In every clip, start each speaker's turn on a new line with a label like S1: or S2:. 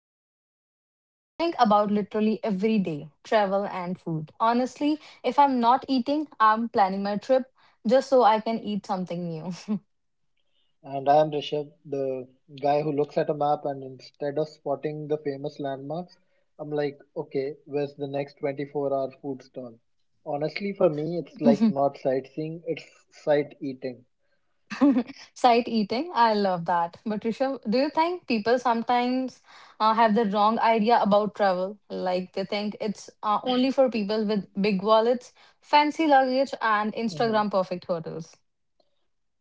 S1: something I think about literally every day, travel and food. Honestly, if I'm not eating, I'm planning my trip just so I can eat something
S2: And I am Rishabh, the guy who looks at a map and instead of spotting the famous landmarks, I'm like, okay, where's the next 24-hour hour food stall? Honestly, for me, it's like
S1: new.
S2: not sightseeing, it's sight eating.
S1: Sight eating, I love that. But Rishabh, do you think people sometimes have the wrong idea about travel? Like they think it's only for people with big wallets, fancy luggage, and
S2: Mm-hmm.
S1: Instagram perfect hotels.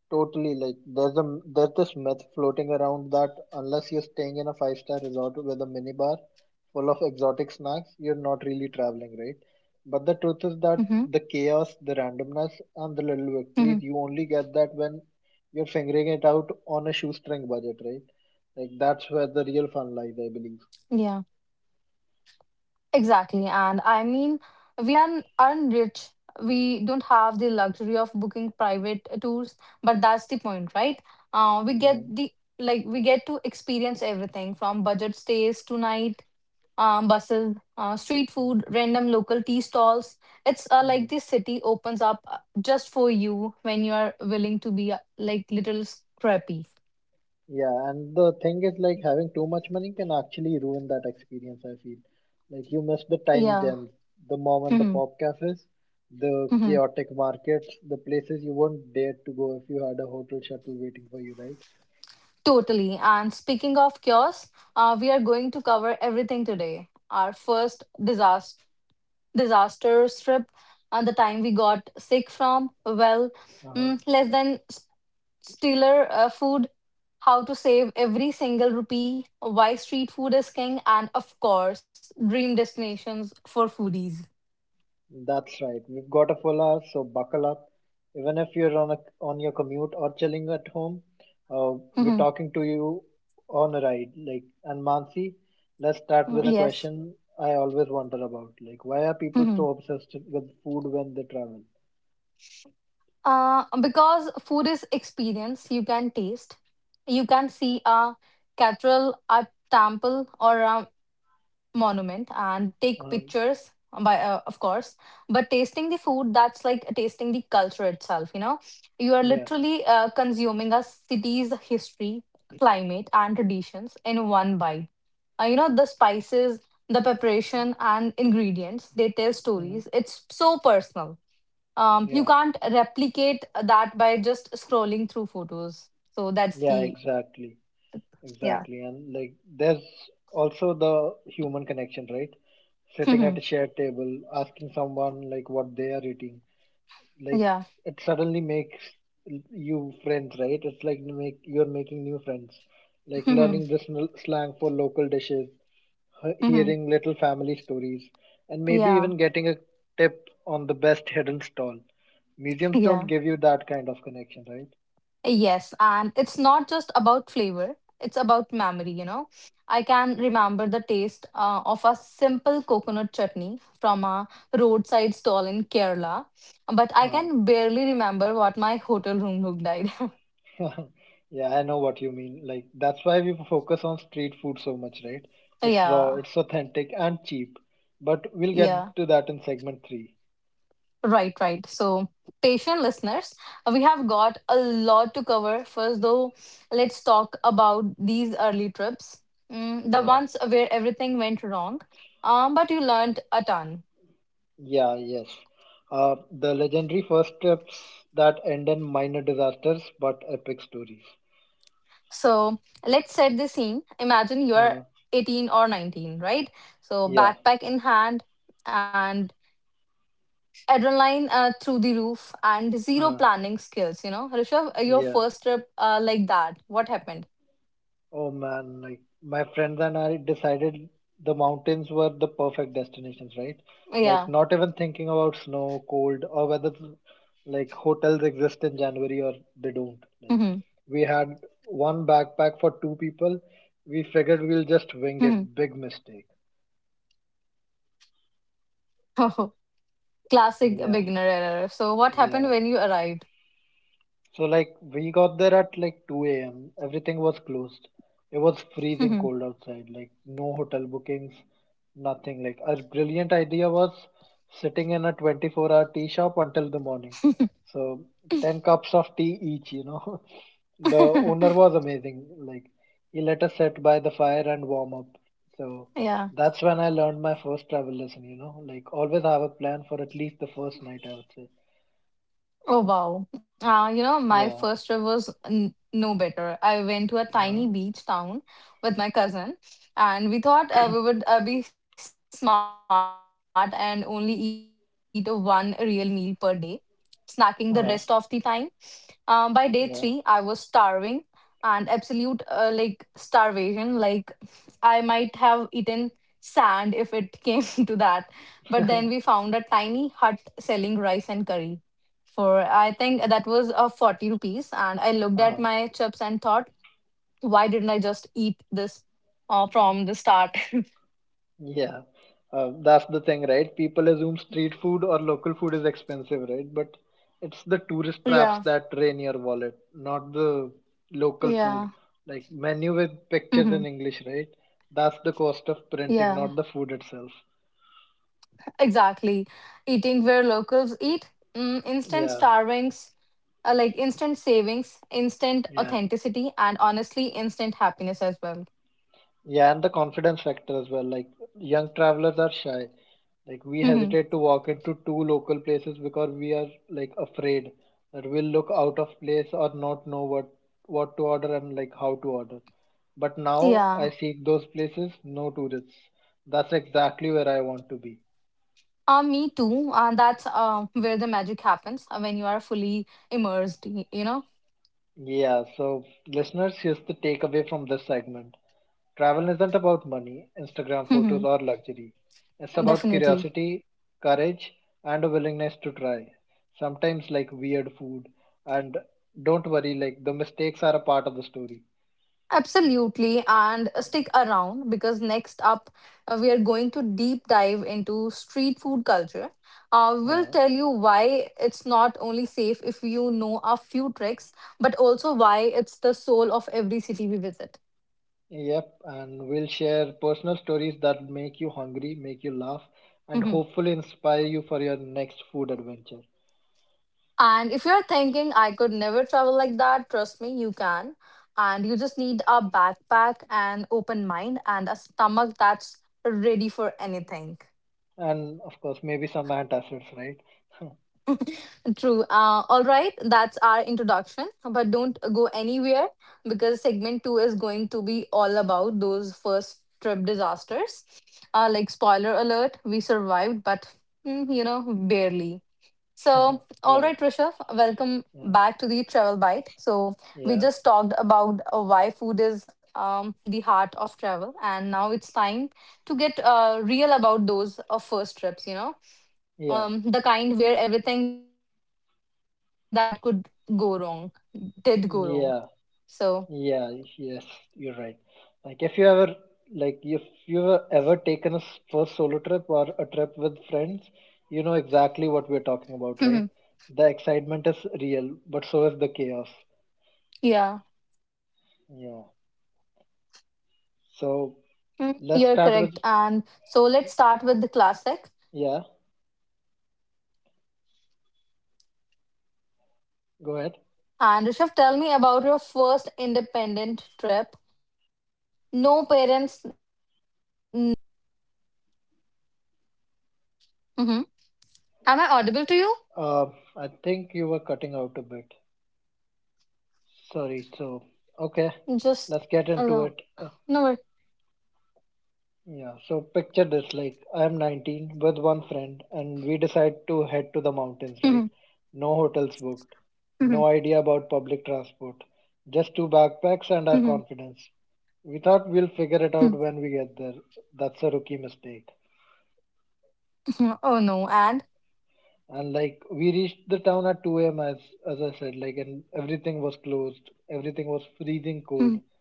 S2: Totally, like there's this myth floating around that unless you're staying in a five-star resort with a minibar full of exotic snacks, you're not really traveling, right? But the truth
S1: Mm-hmm.
S2: is that the chaos, the randomness, and the little
S1: Mm-hmm.
S2: victories you only get that when you're figuring it out on a shoestring budget, right? Like that's where the real fun lies, I believe.
S1: Yeah, exactly. And I mean, we aren't rich. We don't have the luxury of booking private tours, but that's the point, right? We get
S2: hmm
S1: the Like we get to experience everything from budget stays tonight, buses, street food, random local tea stalls. It's like
S2: hmm
S1: this city opens up just for you when you are willing to be like little scrappy.
S2: Yeah, and the thing is like having too much money can actually ruin that experience, I feel. Like you miss the tiny
S1: Yeah.
S2: gems, the mom and the
S1: Mhm.
S2: pop cafes, the
S1: Mhm.
S2: chaotic markets, the places you wouldn't dare to go if you had a hotel shuttle waiting for you, right?
S1: Totally. And speaking of cures, we are going to cover everything today. Our first disaster strip, and the time we got sick from, well,
S2: Uh-huh.
S1: less than Stealer Food, How to Save Every Single Rupee, Why Street Food is King, and of course, Dream Destinations for Foodies.
S2: That's right. We've got a full hour, so buckle up. Even if you're on a on your commute or chilling at home, we're
S1: Mhm.
S2: talking to you on a ride. Like, and Mansi, let's start with a
S1: Yes.
S2: question I always wonder about. Like, why are people
S1: Mhm.
S2: so obsessed with food when they travel?
S1: Because food is experience, you can taste, you can see a cathedral, a temple, or a monument and take
S2: Um,
S1: pictures by of course. But tasting the food, that's like tasting the culture itself, you know. You are
S2: yeah,
S1: literally consuming a city's history, climate and traditions in one bite. You know, the spices, the preparation and ingredients, they tell
S2: mhm,
S1: stories, it's so personal. You
S2: yeah,
S1: can't replicate that by just scrolling through photos. So that's
S2: yeah,
S1: the
S2: exactly,
S1: yeah.
S2: exactly. And like, there's also the human connection, right? Sitting at
S1: Yeah.
S2: a shared table, asking someone like what they are eating, like it suddenly makes you friends, right? It's like you're making new friends. Like learning the slang for local dishes, hearing little family stories, and maybe
S1: Yeah.
S2: even getting a tip on the best hidden stall. Museums don't
S1: Yeah.
S2: give you that kind of connection, right?
S1: Yes, and it's not just about flavor, it's about memory, you know. I can remember the taste of a simple coconut chutney from a roadside stall in Kerala, but I
S2: Huh.
S1: can barely remember what my hotel room looked like.
S2: Yeah, I know what you mean. Like that's why we focus on street food so much, right? It's raw,
S1: Yeah,
S2: it's authentic, and cheap. But we'll get
S1: yeah,
S2: to that in segment 3.
S1: right, right. So, patient listeners, we have got a lot to cover. First, though, let's talk about these early trips, the
S2: Yeah.
S1: ones where everything went wrong, but you learned a ton.
S2: Yeah, yes. The legendary first steps that end in minor disasters but epic stories.
S1: So let's set the scene. Imagine you're
S2: Uh,
S1: 18 or 19, right? So
S2: yeah,
S1: backpack in hand and adrenaline through the roof and zero
S2: uh,
S1: planning skills, you know. Rishabh, your
S2: yeah.
S1: first trip like that, what happened?
S2: Oh man, like my friends and I decided the mountains were the perfect destinations, right? Like
S1: Yeah.
S2: not even thinking about snow, cold, or whether like hotels exist in January or they don't. Like
S1: Hmm.
S2: we had one backpack for two people. We figured we'll just
S1: Hmm.
S2: wing it. Big mistake.
S1: Classic
S2: Yeah,
S1: beginner error. So what happened
S2: yeah.
S1: when you arrived?
S2: So like we got there at like 2 a.m. Everything was closed. It was freezing cold outside. Like no hotel bookings, nothing. Like our brilliant idea was sitting in a 24-hour tea shop until the morning. So 10 cups of tea each, you know. The owner was amazing. Like he let us sit by the fire and warm up. So that's
S1: Yeah.
S2: when I learned my first travel lesson, you know. Like always have a plan for at least the first night, I would say.
S1: Oh wow. You know, my
S2: Yeah.
S1: first trip was no better. I went to a
S2: Uh-huh.
S1: tiny beach town with my cousin, and we thought we would be smart and only eat a one real meal per day, snacking the rest of the time. By
S2: Uh-huh.
S1: day three, I was starving
S2: Yeah.
S1: and absolute like starvation. Like I might have eaten sand if it came to that. But then we found a tiny hut selling rice and curry for, I think that was a, 40 rupees, and I looked at my
S2: Uh,
S1: chips and thought, why didn't I just eat this from the start.
S2: yeah, that's the thing, right? People assume street food or local food is expensive, right? But it's the tourist traps
S1: Yeah.
S2: that drain your wallet, not the local food.
S1: Yeah.
S2: Like menu with pictures in
S1: Hmm.
S2: English, right? That's the cost of printing, not the
S1: Yeah,
S2: food itself.
S1: exactly. Eating where locals eat,
S2: Yeah,
S1: instant starvings, like instant savings, instant
S2: yeah.
S1: authenticity, and honestly instant happiness as well.
S2: Yeah, and the confidence factor as well. Like young travelers are shy. Like we hesitate to
S1: Mhm.
S2: walk into two local places because we are like afraid that we'll look out of place or not know what to order and like how to order. But now I
S1: Yeah.
S2: seek those places, no tourists. That's exactly where I want to be.
S1: Me too, and that's where the magic happens when you are fully immersed, you know.
S2: Yeah, so listeners, here's the takeaway from this segment. Travel isn't about money, Instagram photos,
S1: Mhm.
S2: or luxury. It's about
S1: Definitely.
S2: curiosity, courage, and a willingness to try. Sometimes, like weird food, and don't worry, like the mistakes are a part of the story.
S1: Absolutely, and stick around because next up we are going to deep dive into street food culture. We'll
S2: Uh,
S1: tell you why it's not only safe if you know a few tricks, but also why it's the soul of every city we visit.
S2: yep, and we'll share personal stories that make you hungry, make you laugh,
S1: Mhm.
S2: and hopefully inspire you for your next food adventure.
S1: And if you're thinking, I could never travel like that, trust me, you can. And you just need a backpack, an open mind, and a stomach that's ready for anything.
S2: And of course, maybe some antacids, right?
S1: True. All right, that's our introduction. But don't go anywhere because segment two is going to be all about those first trip disasters. Like, spoiler alert, we survived, but you know, barely. So, all
S2: Right.
S1: right, Rishabh, welcome
S2: Yeah.
S1: back to the Travel Bite. So, we
S2: Yeah,
S1: just talked about why food is the heart of travel, and now it's time to get real about those first trips, you know,
S2: yeah,
S1: the kind where everything that could go wrong did go wrong.
S2: yeah,
S1: So
S2: yeah. Yes, you're right. Like if you ever like if you've ever taken a first solo trip or a trip with friends, you know exactly what we're talking about, right? The excitement is real, but so is the chaos.
S1: yeah.
S2: Yeah. So
S1: Mm,
S2: let's
S1: you're
S2: start with
S1: correct, and so let's start with the classic.
S2: Yeah.
S1: And
S2: Go
S1: Rishav,
S2: ahead.
S1: tell me about your first independent trip. No parents, no big budget, just sheer optimism. Hmm. Am I audible to you?
S2: I think you were cutting out a bit. Sorry. So okay, let's get
S1: Just
S2: into it. Uh,
S1: alone, no worry.
S2: Yeah, so picture this, like I'm 19 with one friend, and we decide to head to the mountains, right?
S1: Mhm,
S2: No hotels booked, no idea
S1: mhm,
S2: about public transport, just two backpacks and our confidence.
S1: mhm,
S2: We thought we'll figure it out when we
S1: mhm.
S2: get there. That's a rookie mistake.
S1: Oh no. And
S2: And like we reached the town at 2 a.m., as I said, like, and everything was closed, everything was freezing cold.
S1: mhm,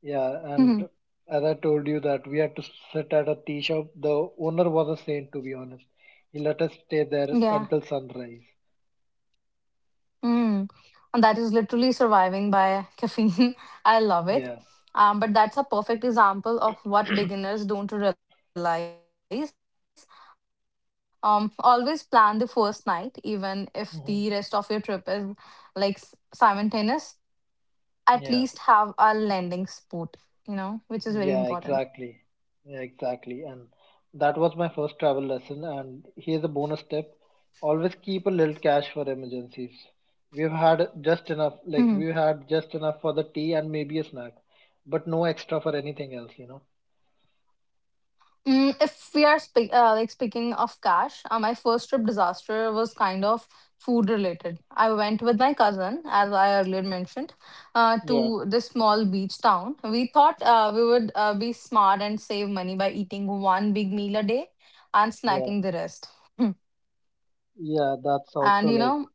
S2: Yeah, and
S1: mhm.
S2: as I told you that we had to sit at a tea shop. The owner was a saint, to be honest. He let us stay there
S1: Yeah.
S2: until sunrise.
S1: Mm. And that is literally surviving by caffeine. I love it.
S2: Yeah.
S1: But that's a perfect example of what beginners don't realize. Always plan the first night, even if
S2: Hmm.
S1: the rest of your trip is like simultaneous. At
S2: Yeah.
S1: least have a landing spot, you know, which is very
S2: Yeah,
S1: important.
S2: exactly. Yeah, exactly. And that was my first travel lesson. And here's a bonus tip. Always keep a little cash for emergencies. We've had just enough, like we had just enough for the tea and maybe a snack, but no extra for anything else, you know?
S1: Mm, if we are speaking of cash, my first trip disaster was kind of food related. I went with my cousin, as I earlier mentioned,
S2: Yeah.
S1: to this small beach town. We thought we would be smart and save money by eating one big meal a day and
S2: Yeah.
S1: snacking the rest.
S2: Yeah, that's
S1: And
S2: also
S1: you
S2: like,
S1: know,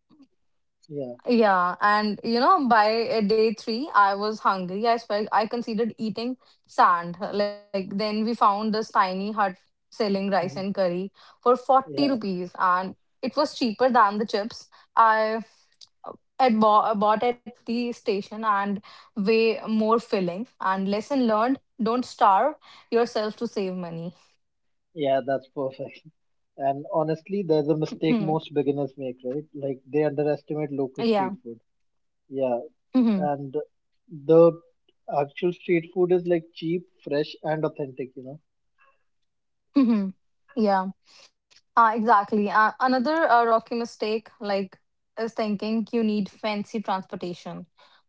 S2: yeah.
S1: yeah, and you know, by day three, I was hungry. I considered eating sand. Like then we found this tiny hut selling rice and
S2: Mhm.
S1: curry for 40
S2: Yeah,
S1: rupees, and it was cheaper than the chips I bought at the station, and way more filling. And lesson learned: don't starve yourself to save money.
S2: yeah, that's perfect. And honestly, there's a mistake most beginners make, right? Like they underestimate local
S1: Yeah.
S2: street food. Yeah,
S1: Hmm.
S2: and the actual street food is like cheap, fresh, and authentic, you know?
S1: Hmm. Yeah. Exactly. Another rocky mistake, like, is thinking you need fancy transportation.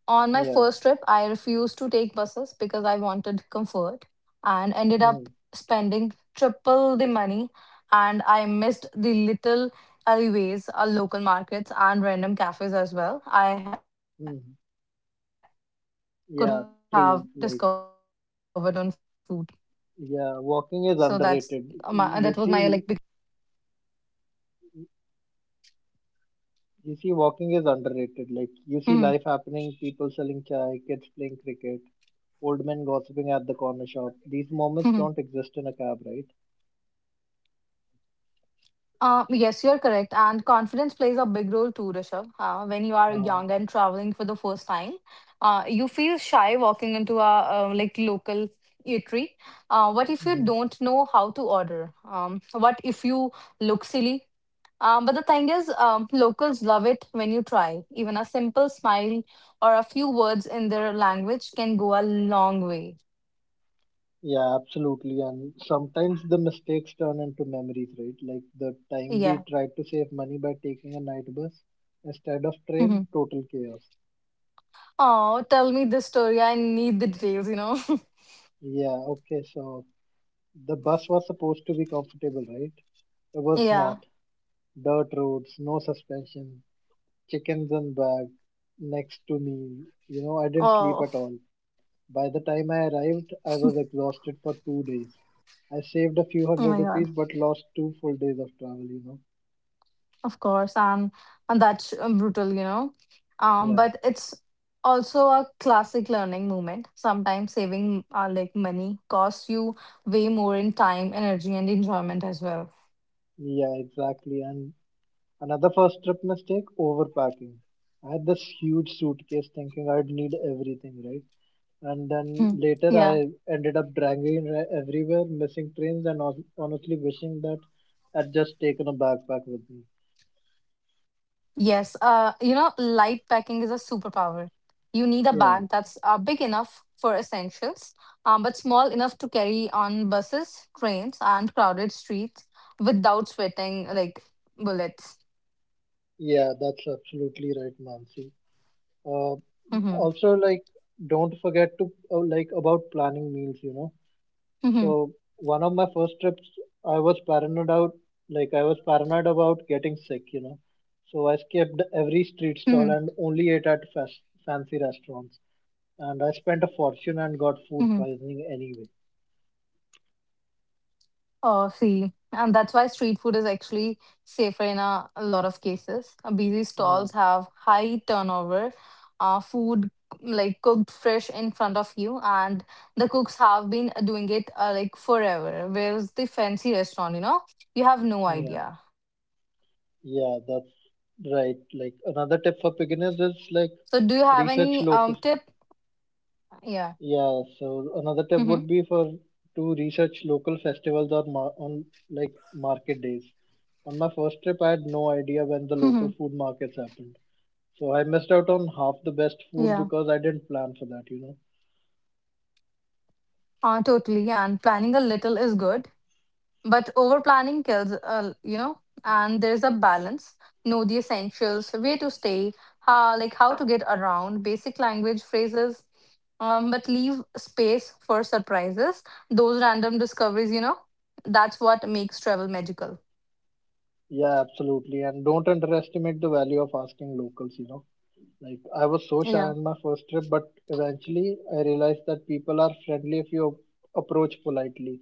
S1: On my
S2: Yeah.
S1: first trip, I refused to take buses because I wanted comfort and ended
S2: Mm.
S1: up spending triple the money. And I missed the little alleyways, local markets, and random cafes as well I could have
S2: Mm.
S1: discovered on food.
S2: Yeah,
S1: So
S2: true.
S1: that's
S2: Like,
S1: my that was my like biggest mistake.
S2: yeah, walking is underrated. You see,
S1: Mhm.
S2: You see, walking is underrated. Like, you see life happening, people selling chai, kids playing cricket, old men gossiping at the corner shop. These moments don't exist in a cab, right?
S1: Yes, you're correct. And confidence plays a big role too, Rishabh. When you are young and traveling
S2: Uh,
S1: for the first time, you feel shy walking into a like local eatery. What if you don't
S2: mhm.
S1: know how to order? What if you look silly? But the thing is, locals love it when you try. Even a simple smile or a few words in their language can go a long way.
S2: Yeah, absolutely. And sometimes the mistakes turn into memories, right? Like the time we
S1: Yeah.
S2: tried to save money by taking a night bus instead of train, total chaos.
S1: Oh, tell me this story. I need the details, you know.
S2: Yeah, okay, so the bus was supposed to be comfortable, right? It was
S1: Yeah.
S2: not. Dirt roads, no suspension, chickens and bag next to me. You know, I didn't sleep
S1: Oh,
S2: at all. By the time I arrived, I was exhausted for 2 days. I saved a
S1: oh
S2: few
S1: my
S2: hundred
S1: God.
S2: rupees but lost 2 full days of travel, you know.
S1: Of course. And that's brutal, you know.
S2: Yeah,
S1: But it's also a classic learning moment. Sometimes saving like money costs you way more in time, energy, and enjoyment as well.
S2: yeah, exactly. And another first trip mistake, overpacking. I had this huge suitcase thinking I'd need everything, right? And then
S1: Hmm.
S2: later I
S1: Yeah.
S2: ended up dragging it everywhere, missing trains, and honestly wishing that I'd just taken a backpack with me.
S1: Yes, you know, light packing is a superpower. You need a
S2: Yeah.
S1: bag that's big enough for essentials, but small enough to carry on buses, trains, and crowded streets without sweating like bullets.
S2: Yeah, that's absolutely right, Mansi. Uh, Also, like,
S1: Mm-hmm.
S2: don't forget to like about planning meals. You know, so one
S1: Mm-hmm.
S2: of my first trips, I was paranoid out, like I was paranoid about getting sick. You know, so I skipped every street
S1: Mm-hmm.
S2: stall and only ate at fast, fancy restaurants. And I spent a fortune and got
S1: Mm-hmm.
S2: food poisoning anyway.
S1: Oh, see, and that's why street food is actually safer in a lot of cases. Busy
S2: Yeah,
S1: stalls have high turnover, food like cooked fresh in front of you, and the cooks have been doing it like forever. Where's the fancy restaurant, you know? You have no
S2: yeah,
S1: idea.
S2: yeah. That's right. Like another tip for beginners is like
S1: So, do you have
S2: research
S1: any
S2: local.
S1: tip? Yeah.
S2: Yeah, so another tip
S1: Mm-hmm.
S2: would be for to research local festivals or on like market days. On my first trip, I had no idea when the local
S1: Mm-hmm.
S2: food markets happened. So I missed out on half the best food
S1: Yeah.
S2: because I didn't plan for that, you know.
S1: Totally. And planning a little is good, but over planning kills, you know, and there's a balance. Know the essentials, where to stay, how to get around, basic language phrases, but leave space for surprises, those random discoveries, you know, that's what makes travel magical.
S2: Yeah, absolutely. And don't underestimate the value of asking locals, you know. Like I was so shy
S1: Yeah.
S2: on my first trip, but eventually I realized that people are friendly if you approach politely.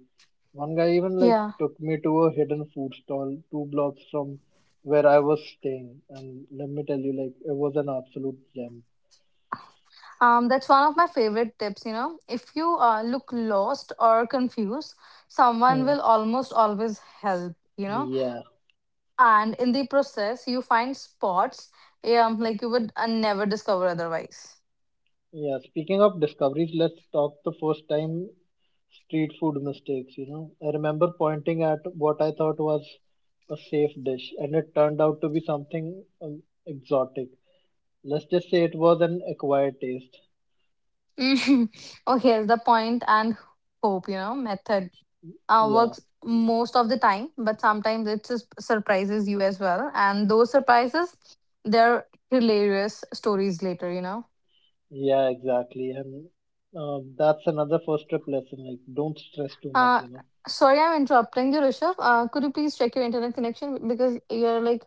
S2: One guy even like
S1: Yeah.
S2: took me to a hidden food stall 2 blocks from where I was staying, and let me tell you, like it was an absolute gem.
S1: That's one of my favorite tips, you know. If you look lost or confused, someone
S2: Hmm.
S1: will almost always help, you know.
S2: Yeah,
S1: And in the process you find spots, like you would never discover otherwise.
S2: yeah. Speaking of discoveries, let's talk the first time street food mistakes. You know, I remember pointing at what I thought was a safe dish, and it turned out to be something exotic. Let's just say it was an acquired taste.
S1: Mhm. Oh, here's the point, and hope you know method
S2: Yeah,
S1: works most of the time, but sometimes it just surprises you as well, and those surprises, they're hilarious stories later, you know.
S2: yeah, exactly. And that's another first trip lesson. Like don't stress too much,
S1: uh,
S2: you know.
S1: Sorry, I'm interrupting you, Rishabh. Could you please check your internet connection, because you're like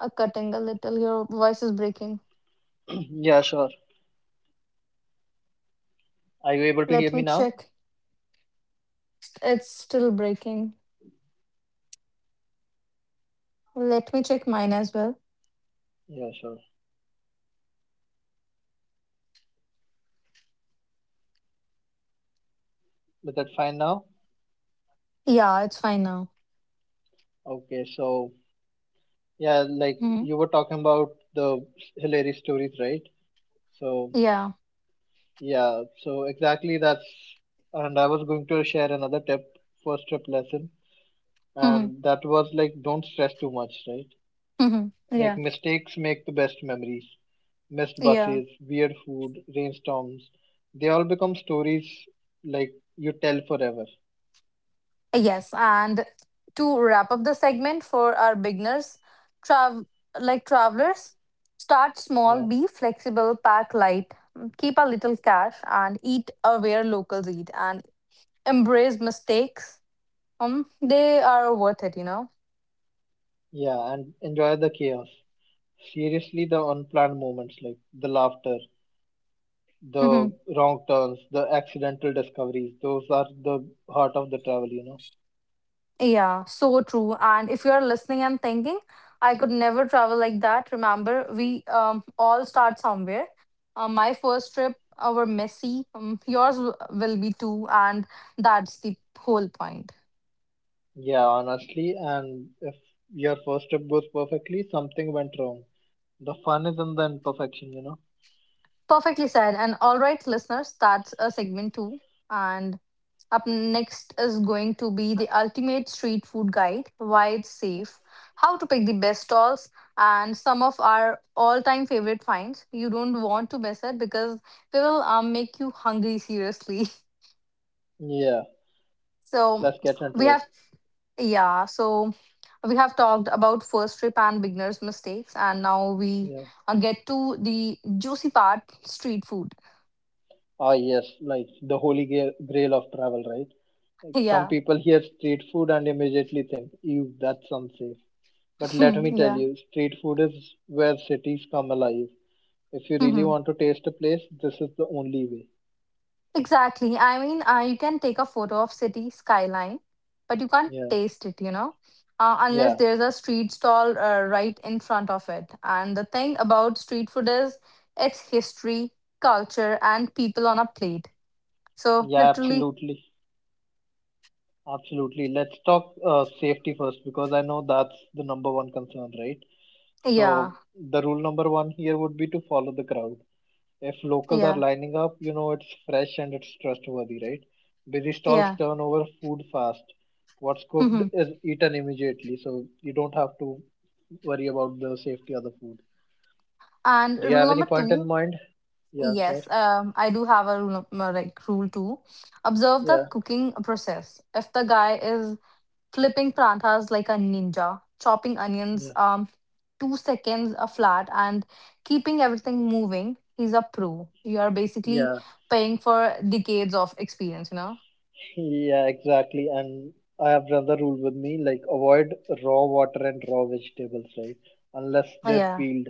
S1: cutting a little, your voice is breaking.
S2: Yeah, sure. Are you able to hear
S1: Let
S2: me
S1: me
S2: now?
S1: check. It's still breaking. Let me check mine as well.
S2: Yeah, sure. Is that fine now?
S1: Yeah, it's fine now.
S2: Okay, so yeah, like
S1: Hmm.
S2: you were talking about the hilarious stories, right? So
S1: Yeah.
S2: yeah, so exactly that's, and I was going to share another tip, first trip lesson.
S1: Hmm.
S2: And that was like don't stress too much, right?
S1: Hmm.
S2: Like
S1: Yeah.
S2: mistakes make the best memories. Missed
S1: Yeah.
S2: buses, weird food, rainstorms. They all become stories like you tell forever.
S1: Yes. And to wrap up the segment for our beginners, trav travelers, start small,
S2: Yeah.
S1: be flexible, pack light, keep a little cash, and eat aware locals eat, and embrace mistakes. They are worth it, you know.
S2: Yeah, and enjoy the chaos. Seriously, the unplanned moments like the laughter,
S1: Mm-hmm.
S2: the wrong turns, the accidental discoveries, those are the heart of the travel, you know.
S1: Yeah, so true. And if you're listening and thinking, I could never travel like that, remember, we all start somewhere. My first trip were messy. Yours will be too. And that's the whole point.
S2: Yeah, honestly, and if your first trip goes perfectly, something went wrong. The fun is in the imperfection, you know.
S1: Perfectly said. And all right, listeners, that's a segment two. And up next is going to be the ultimate street food guide, why it's safe, how to pick the best stalls, and some of our all time favorite finds. You don't want to miss it because they will make you hungry, seriously.
S2: Yeah,
S1: So,
S2: let's get into
S1: we
S2: it.
S1: have, yeah, so we have talked about first trip and beginner's mistakes, and now we
S2: Yeah.
S1: get to the juicy part, street food.
S2: Ah, yes, like the holy grail of travel, right? Like some
S1: Yeah.
S2: people hear street food and immediately think, ew, that's unsafe. But let me tell
S1: Yeah.
S2: you, street food is where cities come alive. If you really
S1: Mm-hmm.
S2: want to taste a place, this is the only way.
S1: Exactly. I mean, you can take a photo of city skyline, but you can't
S2: Yeah,
S1: taste it, unless
S2: yeah,
S1: there's a street stall right in front of it. And the thing about street food is its history, culture, and people on a plate. So
S2: yeah,
S1: literally,
S2: absolutely. Absolutely. Let's talk safety first because I know that's the number one concern, right?
S1: yeah,
S2: So, the rule number one here would be to follow the crowd. If locals are
S1: yeah,
S2: lining up, you know it's fresh and it's trustworthy, right? Busy stalls
S1: yeah.
S2: turn over food fast. What's cooked
S1: Mm-hmm.
S2: is eaten immediately, so you don't have to worry about the safety of the food.
S1: And
S2: Do you
S1: rule
S2: have any
S1: number
S2: point in
S1: two,
S2: mind? Yeah, sure.
S1: yes, I do have a rule, like rule two. Observe the
S2: Yeah,
S1: cooking process. If the guy is flipping prantas like a ninja, chopping onions
S2: yeah,
S1: 2 seconds a flat and keeping everything moving. He's a pro. You are basically
S2: yeah,
S1: paying for decades of experience, you know?
S2: yeah, exactly. And I have another rule with me, like avoid raw water and raw vegetables, right? Unless they're
S1: Yeah.
S2: peeled.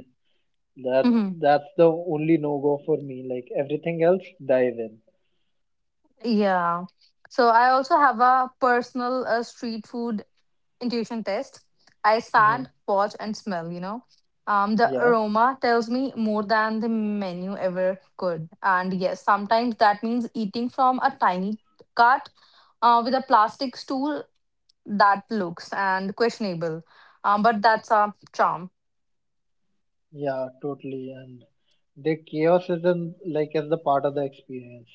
S2: That
S1: Hmm.
S2: that's the only no go for me. Like everything else, dive in.
S1: Yeah. So I also have a personal street food intuition test. I
S2: Mm-hmm.
S1: stand, watch, and smell, you know. The
S2: Yeah,
S1: aroma tells me more than the menu ever could. And yes, sometimes that means eating from a tiny cart with a plastic stool that looks and questionable. But that's a charm.
S2: yeah, totally. And the chaos isn't like as the part of the experience.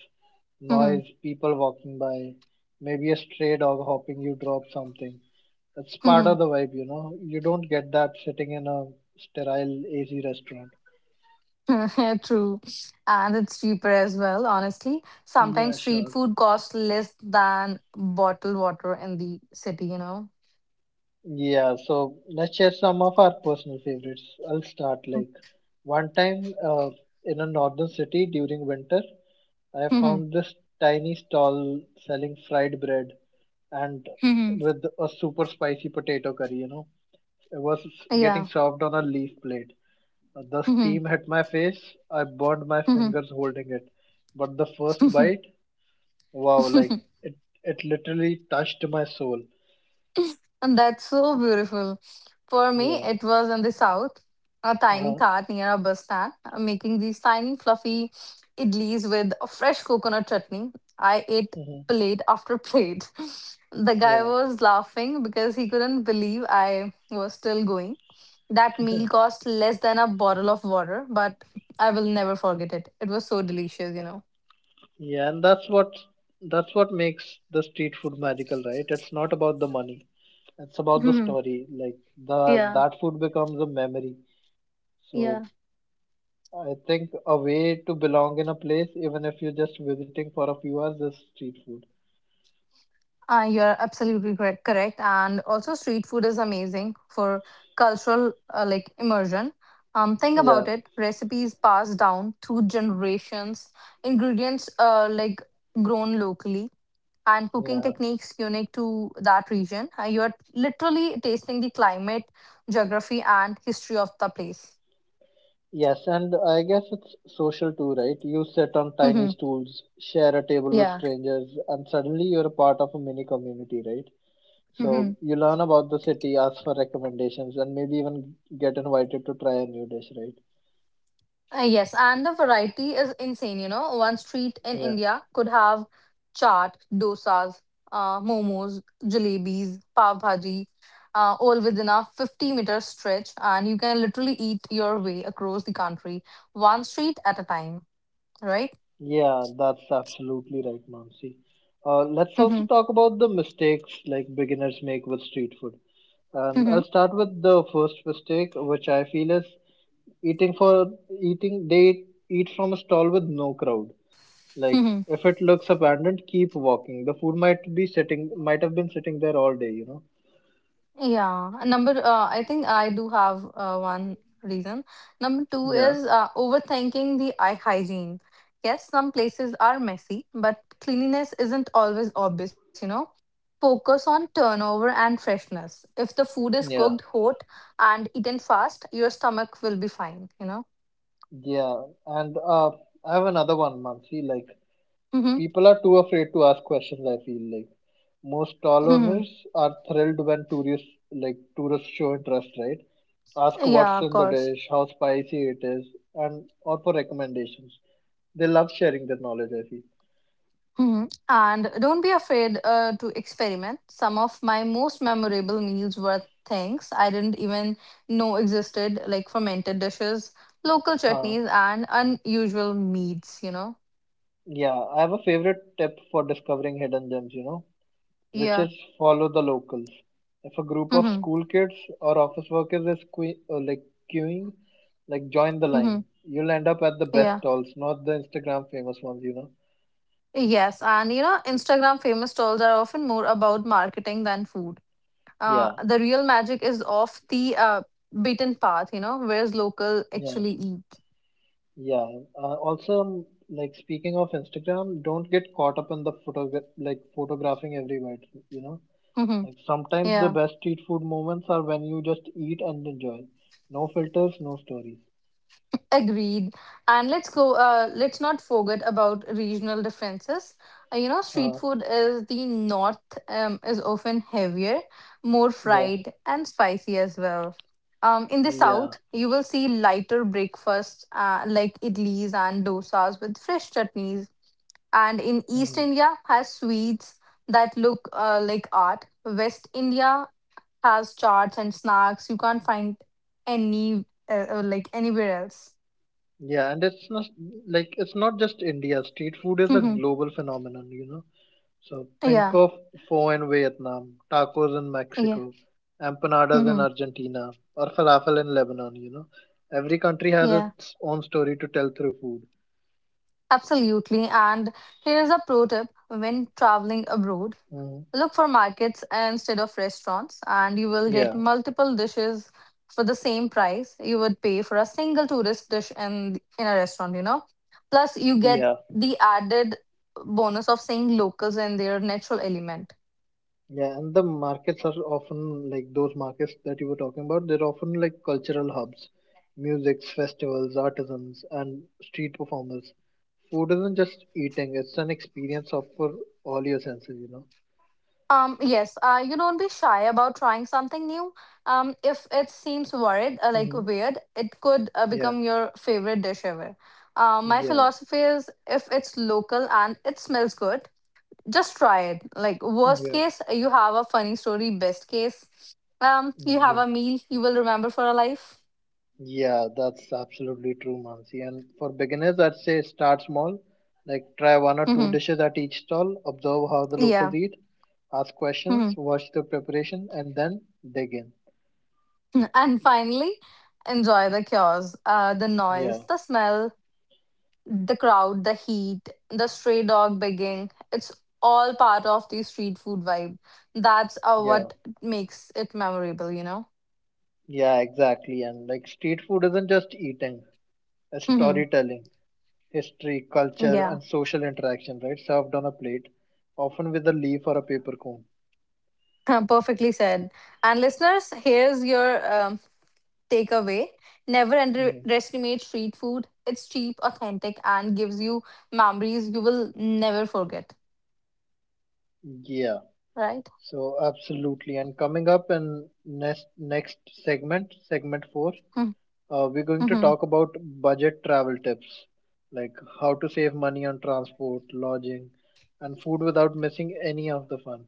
S1: Mhm,
S2: Noise, people walking by, maybe a stray dog hopping, you drop something. That's part
S1: mhm.
S2: of the vibe, you know. You don't get that sitting in a sterile AC restaurant.
S1: True. And it's cheaper as well, honestly.
S2: Yeah,
S1: Sometimes street
S2: sure.
S1: food costs less than bottled water in the city, you know.
S2: Yeah, so let's share some of our personal favorites. I'll start like one time in a northern city during winter. I found this tiny stall selling fried bread and with a super spicy potato curry, you know. It was getting
S1: Yeah.
S2: served on a leaf plate. The
S1: Mm-hmm.
S2: steam hit my face. I burned my fingers holding it. But the first
S1: Hmm.
S2: bite, wow, like it, it literally touched my soul.
S1: And that's so beautiful. For me,
S2: Yeah.
S1: it was in the south, a tiny
S2: Uh-huh.
S1: cart near a bus stand, making these tiny fluffy idlis with a fresh coconut chutney. I ate
S2: Hmm.
S1: plate after plate. The guy
S2: Yeah.
S1: was laughing because he couldn't believe I was still going. That meal cost less than a bottle of water, but I will never forget it. It was so delicious, you know.
S2: Yeah, and that's what makes the street food magical, right? It's not about the money. It's about the
S1: Hmm.
S2: story. Like the
S1: Yeah.
S2: that food becomes a memory. So
S1: Yeah.
S2: I think a way to belong in a place, even if you're just visiting for a few hours, is street food.
S1: You're absolutely correct, correct. And also, street food is amazing for cultural immersion. Think
S2: Yeah,
S1: about it: recipes passed down through generations, ingredients grown locally, and cooking
S2: yeah.
S1: techniques unique to that region. You're literally tasting the climate, geography, and history of the place.
S2: Yes, and I guess it's social too, right? You sit on tiny
S1: Hmm.
S2: stools, share a table with
S1: Yeah.
S2: strangers, and suddenly you're a part of a mini community, right? So you learn about the city, ask for recommendations, and maybe even get invited to try a new dish, right?
S1: Yes, and the variety is insane. You know, one street in
S2: Yeah,
S1: India could have chaat, dosas, momos, jalebis, pav bhaji, all within a 50-meter stretch, and you can literally eat your way across the country, one street at a time, right?
S2: yeah, that's absolutely right, Mansi. Let's also
S1: Mm-hmm.
S2: talk about the mistakes like beginners make with street food. And
S1: Mm-hmm.
S2: I'll start with the first mistake, which I feel is eating for eating. They eat from a stall with no crowd. Like
S1: Mm-hmm.
S2: if it looks abandoned, keep walking. The food might be sitting, might have been sitting there all day. You know.
S1: Yeah, number I think I do have one reason. Number two
S2: Yeah.
S1: is overthinking the eye hygiene. Yes, some places are messy, but cleanliness isn't always obvious, you know. Focus on turnover and freshness. If the food is
S2: Yeah.
S1: cooked hot and eaten fast, your stomach will be fine, you know.
S2: Yeah, and I have another one, Mansi. Like,
S1: Mm-hmm.
S2: people are too afraid to ask questions, I feel like. Most stall
S1: Hmm.
S2: owners are thrilled when tourists, like, tourists show interest, right? Ask what's
S1: Yeah, of
S2: in the
S1: course.
S2: dish, how spicy it is, and or for recommendations. They love sharing their knowledge, I feel.
S1: Mhm. And don't be afraid to experiment. Some of my most memorable meals were things I didn't even know existed, like fermented dishes, local
S2: Huh.
S1: chutneys, and unusual meats, you know?
S2: Yeah, I have a favorite tip for discovering hidden gems, you know, which
S1: Yeah.
S2: is follow the locals. If a group of
S1: Mm-hmm.
S2: school kids or office workers is queuing, like join the
S1: Mm-hmm.
S2: line, you'll end up at the best
S1: Yeah.
S2: stalls, not the Instagram famous ones, you know.
S1: Yes. And, Instagram famous stalls are often more about marketing than food.
S2: Yeah,
S1: The real magic is off the beaten path, whereas local
S2: yeah,
S1: actually eat.
S2: yeah. Also, like speaking of Instagram, don't get caught up in the photographing every bite, you know.
S1: Mm-hmm.
S2: Like sometimes the
S1: Yeah.
S2: best street food moments are when you just eat and enjoy. No filters, no stories.
S1: Agreed. And let's not forget about regional differences. Street
S2: Uh,
S1: food is the north is often heavier, more
S2: yeah,
S1: fried, and spicy as well. In the
S2: yeah.
S1: south, you will see lighter breakfasts idlis and dosas with fresh chutneys. And in East
S2: Mhm.
S1: India has sweets that look like art. West India has charts and snacks you can't find any anywhere else.
S2: Yeah, and it's not just India. Street food is a global phenomenon, you know. So think
S1: Yeah,
S2: of pho in Vietnam, tacos in
S1: yeah,
S2: Mexico, empanadas in
S1: hmm,
S2: Argentina, or falafel in Lebanon, you know. Every country has
S1: yeah,
S2: its own story to tell through food.
S1: absolutely. And here's a pro tip when traveling abroad,
S2: Hmm.
S1: look for markets instead of restaurants, and you will get
S2: Yeah,
S1: multiple dishes for the same price you would pay for a single tourist dish in a restaurant, you know. Plus, you get
S2: yeah.
S1: the added bonus of seeing locals in their natural element.
S2: Yeah, and the markets are often like those markets that you were talking about. They're often like cultural hubs, musics, festivals, artisans, and street performers. Food isn't just eating; it's an experience of for all your senses. You know.
S1: Yes, you don't be shy about trying something new. If it seems worried,
S2: Hmm.
S1: weird, it could
S2: Yeah,
S1: become your favorite dish ever. My
S2: yeah,
S1: philosophy is if it's local and it smells good, just try it. Like, worst
S2: yeah,
S1: case, you have a funny story. Best case, you have
S2: yeah,
S1: a meal you will remember for a life.
S2: yeah. That's absolutely true, Mansi. And for beginners, I'd say start small. Like try one or two
S1: Hmm.
S2: dishes at each stall. Observe how the locals
S1: Yeah.
S2: eat. Ask questions.
S1: Hmm.
S2: Watch the preparation, and then dig in.
S1: And finally, enjoy the chaos, the noise,
S2: Yeah,
S1: the smell, the crowd, the heat, the stray dog begging, it's all part of the street food vibe. That's
S2: yeah,
S1: what makes it memorable, you know?
S2: yeah, exactly. And like street food isn't just eating, it's
S1: Hmm.
S2: storytelling, history, culture,
S1: Yeah,
S2: and social interaction, right? Served on a plate, often with a leaf or a paper cone.
S1: perfectly said. And listeners, here's your takeaway, never
S2: Mhm.
S1: underestimate street food. It's cheap, authentic, and gives you memories you will never forget,
S2: Yeah,
S1: right?
S2: so absolutely. And coming up in next segment, segment four,
S1: Mm-hmm.
S2: we're going to
S1: Mm-hmm.
S2: talk about budget travel tips, like how to save money on transport, lodging, and food without missing any of the fun.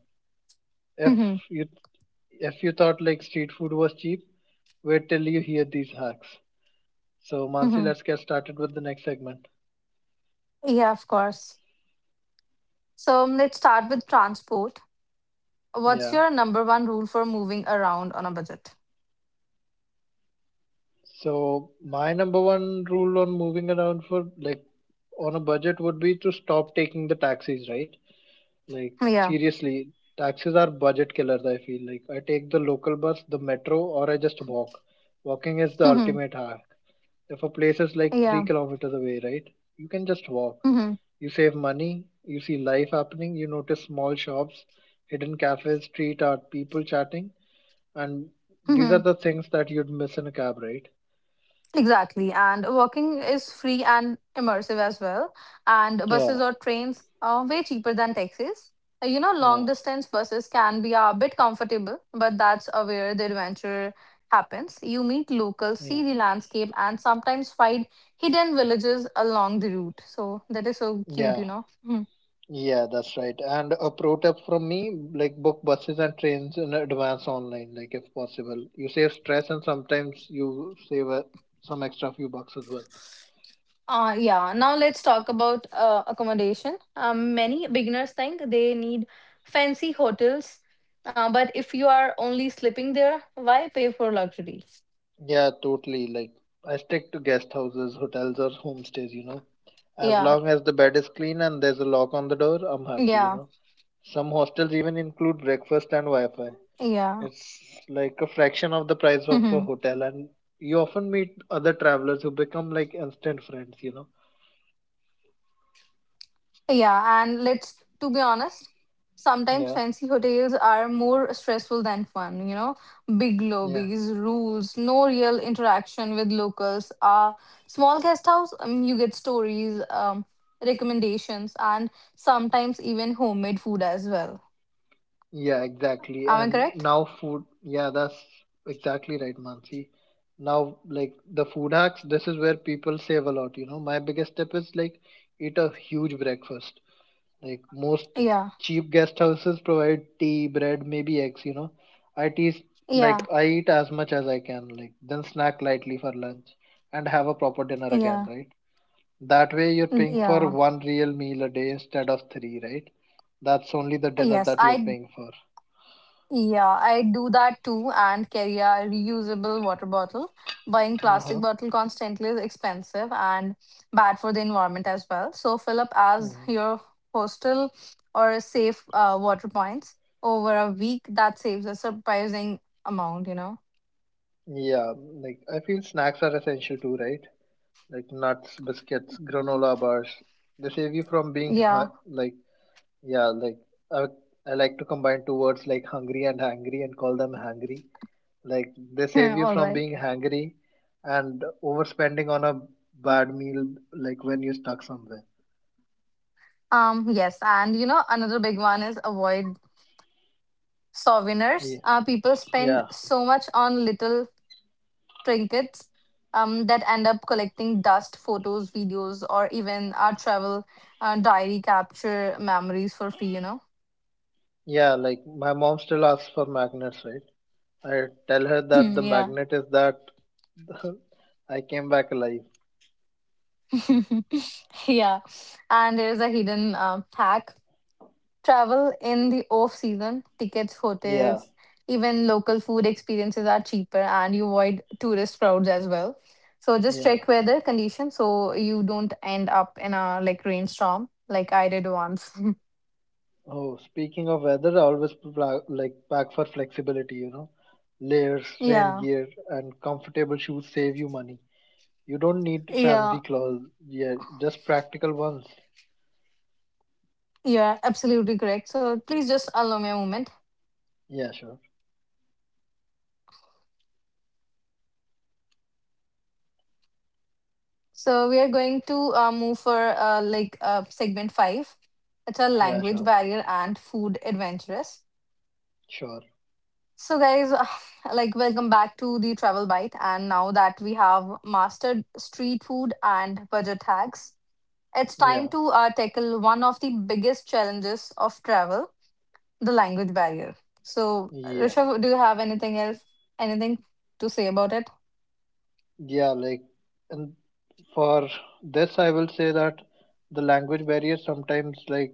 S2: If
S1: Mm-hmm.
S2: you if you thought like street food was cheap, wait till you hear these hacks. So Mansi,
S1: Mm-hmm.
S2: let's get started with the next segment.
S1: Yeah, of course. So let's start with transport. What's
S2: Yeah.
S1: your number one rule for moving around on a budget?
S2: So my number one rule on moving around for on a budget would be to stop taking the taxis, right? Like
S1: Yeah.
S2: seriously, taxis are budget killers, I feel like. I take the local bus, the metro, or I just walk. Walking is the
S1: Mhm.
S2: ultimate hack. If a place is like three
S1: Yeah.
S2: kilometers away, right? You can just walk.
S1: Mhm.
S2: You save money, you see life happening, you notice small shops, hidden cafes, street art, people chatting, and these are
S1: Mhm.
S2: the things that you'd miss in a cab, right?
S1: Exactly. And walking is free and immersive as well. And
S2: Yeah,
S1: buses or trains are way cheaper than taxis. Long
S2: yeah,
S1: distance buses can be a bit comfortable, but that's where the adventure happens. You meet locals,
S2: yeah,
S1: see the landscape, and sometimes find hidden villages along the route. So that is so cute,
S2: yeah,
S1: you know. Mm-hmm.
S2: yeah, that's right. And a pro tip from me, like book buses and trains in advance online, like if possible. You save stress and sometimes you save some extra few bucks as well.
S1: Yeah, now let's talk about accommodation. Many beginners think they need fancy hotels, but if you are only sleeping there, why pay for luxury?
S2: Yeah, totally. Like, I stick to guest houses, hotels, or homestays, you know. As
S1: Yeah,
S2: long as the bed is clean and there's a lock on the door, I'm happy, you
S1: yeah,
S2: know. Some hostels even include breakfast and Wi-Fi.
S1: yeah.
S2: It's like a fraction of the price of a hotel, and you often meet other travelers who become like instant friends, you know.
S1: Yeah, and let's to be honest, sometimes
S2: Yeah,
S1: fancy hotels are more stressful than fun, you know. Big
S2: yeah.
S1: lobbies, rules, no real interaction with locals. Small guest house, you get stories, recommendations, and sometimes even homemade food as well.
S2: Yeah, exactly.
S1: Am I
S2: And
S1: correct?
S2: now food, yeah, that's exactly right, Mansi. Now, like the food hacks, this is where people save a lot, you know. My biggest tip is like eat a huge breakfast. Like most
S1: Yeah.
S2: cheap guest houses provide tea, bread, maybe eggs, you know. I tease
S1: Yeah.
S2: like I eat as much as I can, like then snack lightly for lunch and have a proper dinner again,
S1: Yeah.
S2: right? That way you're
S1: Mm,
S2: paying for
S1: yeah.
S2: one real meal a day instead of three, right? That's only the dinner
S1: Yes,
S2: that you're
S1: I
S2: paying for.
S1: Yeah, I do that too and carry a reusable water bottle. Buying plastic
S2: Uh-huh.
S1: bottle constantly is expensive and bad for the environment as well. So fill up as
S2: Mm.
S1: your hostel or safe water points over a week. That saves a surprising amount, you know.
S2: Yeah, like I feel snacks are essential too, right? Like nuts, biscuits, granola bars. They save you from being
S1: Yeah,
S2: hu- like yeah, like I, I like to combine two words like hungry and hangry and call them hangry. Like they save you
S1: all
S2: from
S1: right.
S2: being hangry and overspending on a bad meal like when you're stuck somewhere.
S1: Yes, and you know another big one is avoid
S2: Yeah,
S1: souvenirs. People spend
S2: yeah,
S1: so much on little trinkets that end up collecting dust, photos, videos, or even our travel diary capture memories for free, you know?
S2: yeah. Like my mom still asks for magnets, right? I tell her that the
S1: Yeah.
S2: magnet is that I came back alive.
S1: Yeah. And there's a hidden hack, travel in the off season, tickets,
S2: Yeah,
S1: hotels, even local food experiences are cheaper and you avoid tourist crowds as well. So just
S2: yeah.
S1: check weather conditions so you don't end up in a like rainstorm like I did once.
S2: Oh, speaking of weather, I always pack for flexibility, you know. Layers, rain
S1: Yeah.
S2: gear, and comfortable shoes save you money. You don't need
S1: Yeah.
S2: fancy clothes. Yeah, just practical ones.
S1: You are absolutely correct. So please just allow me a moment.
S2: Yeah, sure.
S1: So we are going to move for segment five. It's a
S2: Yeah,
S1: language
S2: sure.
S1: barrier and food adventurous.
S2: Sure.
S1: So guys, welcome back to the Travel Bite. And now that we have mastered street food and budget hacks, it's time
S2: Yeah.
S1: to tackle one of the biggest challenges of travel: the language barrier. So
S2: Yeah.
S1: Rishabh, do you have anything else, anything to say about it?
S2: Yeah, like and for this I will say that the language barrier sometimes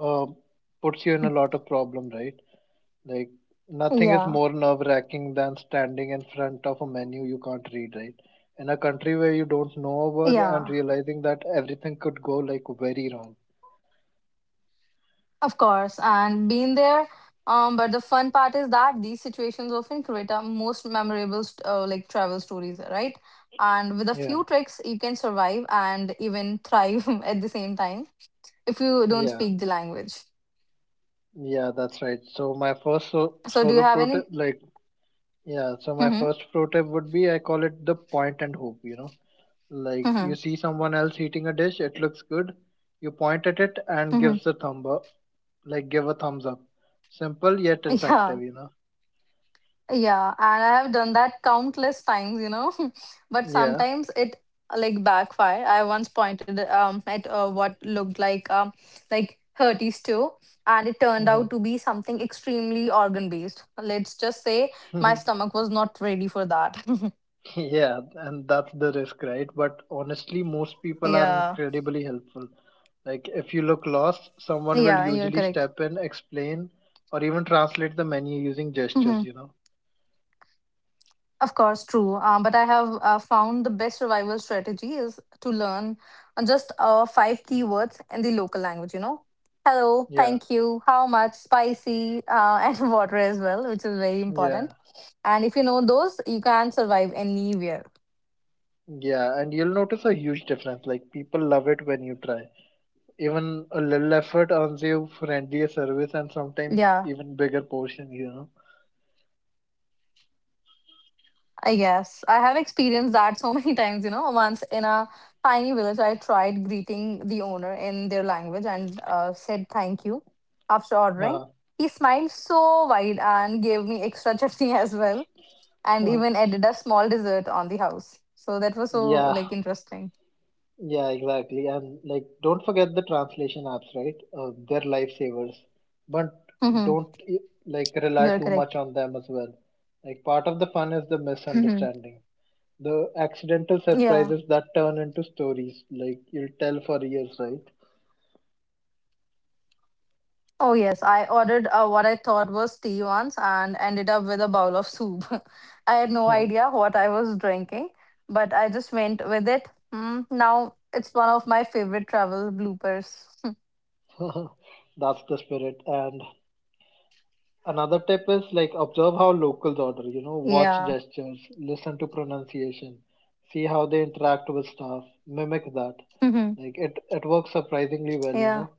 S2: uh, puts you in a lot of problem, right? Like nothing is
S1: Yeah,
S2: more nerve-wracking than standing in front of a menu you can't read, right? In a country where you don't know a word and
S1: yeah.
S2: realizing that everything could go like very wrong.
S1: Of course, and been there. But the fun part is that these situations often create our most memorable travel stories, right? And with a
S2: Yeah,
S1: few tricks, you can survive and even thrive at the same time if you don't
S2: yeah,
S1: speak the language.
S2: yeah, that's right. So my first
S1: So, do you
S2: solo
S1: have
S2: pro tip,
S1: any?
S2: like, yeah, so my
S1: Mm-hmm,
S2: first pro tip would be I call it the point and hope, you know? Like,
S1: mm-hmm,
S2: you see someone else eating a dish, it looks good, you point at it and
S1: mm-hmm.
S2: gives a thumb up, like give a thumbs up. Simple yet effective,
S1: Yeah.
S2: you know?
S1: Yeah, and I have done that countless times, you know. But
S2: Yeah.
S1: sometimes it backfire. I once pointed at what looked like hearty stew, and it turned
S2: Hmm.
S1: out to be something extremely organ based. Let's just say my stomach was not ready for that.
S2: Yeah, and that's the risk, right? But honestly, most people are
S1: Yeah,
S2: incredibly helpful. Like, if you look lost, someone will
S1: yeah, you're
S2: usually
S1: correct.
S2: step in, explain, or even translate the menu using gestures, you know?
S1: Of course, true. But I have found the best survival strategy is to learn on just five keywords in the local language, you know. Hello,
S2: Yeah,
S1: thank you, how much, spicy, and water as well, which is very
S2: yeah,
S1: important. And if you know those, you can survive anywhere.
S2: yeah. And you'll notice a huge difference. Like, people love it when you try. Even a little effort earns you friendlier service and sometimes
S1: Yeah.
S2: even bigger portions, you
S1: Yes, I have experienced that so many times. You know, once in a tiny village, I tried greeting the owner in their language and said thank you after ordering.
S2: know?
S1: He smiled so wide and gave me extra chutney as well, and
S2: Uh,
S1: even added a small dessert on the house. So that was so
S2: yeah.
S1: like interesting.
S2: Yeah, exactly. And like, don't forget the translation apps, right? They're lifesavers, but
S1: Hmm.
S2: don't
S1: You
S2: rely
S1: are
S2: too much
S1: correct.
S2: on them as well. Like, part of the fun is the
S1: Hmm.
S2: misunderstanding, the accidental
S1: Yeah.
S2: surprises that turn into stories, like you'll tell for years, right?
S1: Oh, yes. I ordered what I thought was tea once and ended up with a bowl of soup. I had no idea what I was drinking, but I just went with it. Now it's one of my favorite travel bloopers.
S2: That's the spirit. And another tip is like observe how locals order, you know, watch
S1: Yeah.
S2: gestures, listen to pronunciation, see how they interact with staff, mimic that.
S1: Mhm.
S2: Like it works surprisingly well, you
S1: Yeah.
S2: know.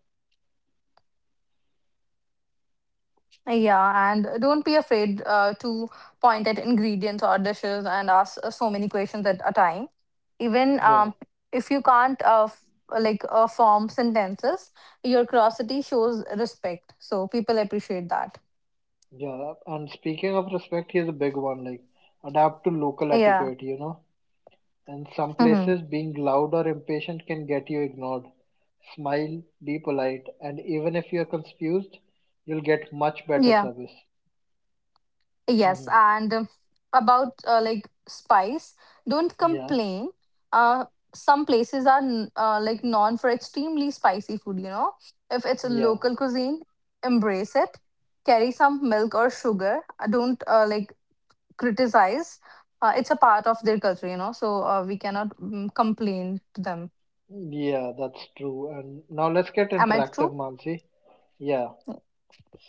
S1: Yeah. And don't be afraid to point at ingredients or dishes and ask so many questions at a time. Even
S2: Yeah.
S1: if you can't like form sentences, your curiosity shows respect. So people appreciate that.
S2: Yeah. And speaking of respect, here's a big one, like adapt to local
S1: Yeah.
S2: etiquette, you know. In some
S1: Hmm.
S2: places being loud or impatient can get you ignored. Smile, be polite, and even if you're confused, you'll get much better
S1: Yeah.
S2: service.
S1: Yes.
S2: Hmm.
S1: And about like spice, don't
S2: Yeah.
S1: complain. Uh, some places are like known for extremely spicy food, you know. If it's a
S2: Yeah.
S1: local cuisine, embrace it. Carry some milk or sugar. Don't like criticize. It's a part of their culture, you know. So we cannot complain to them.
S2: Yeah, that's true. And now let's get
S1: Am I
S2: interactive,
S1: true?
S2: Mansi. Yeah.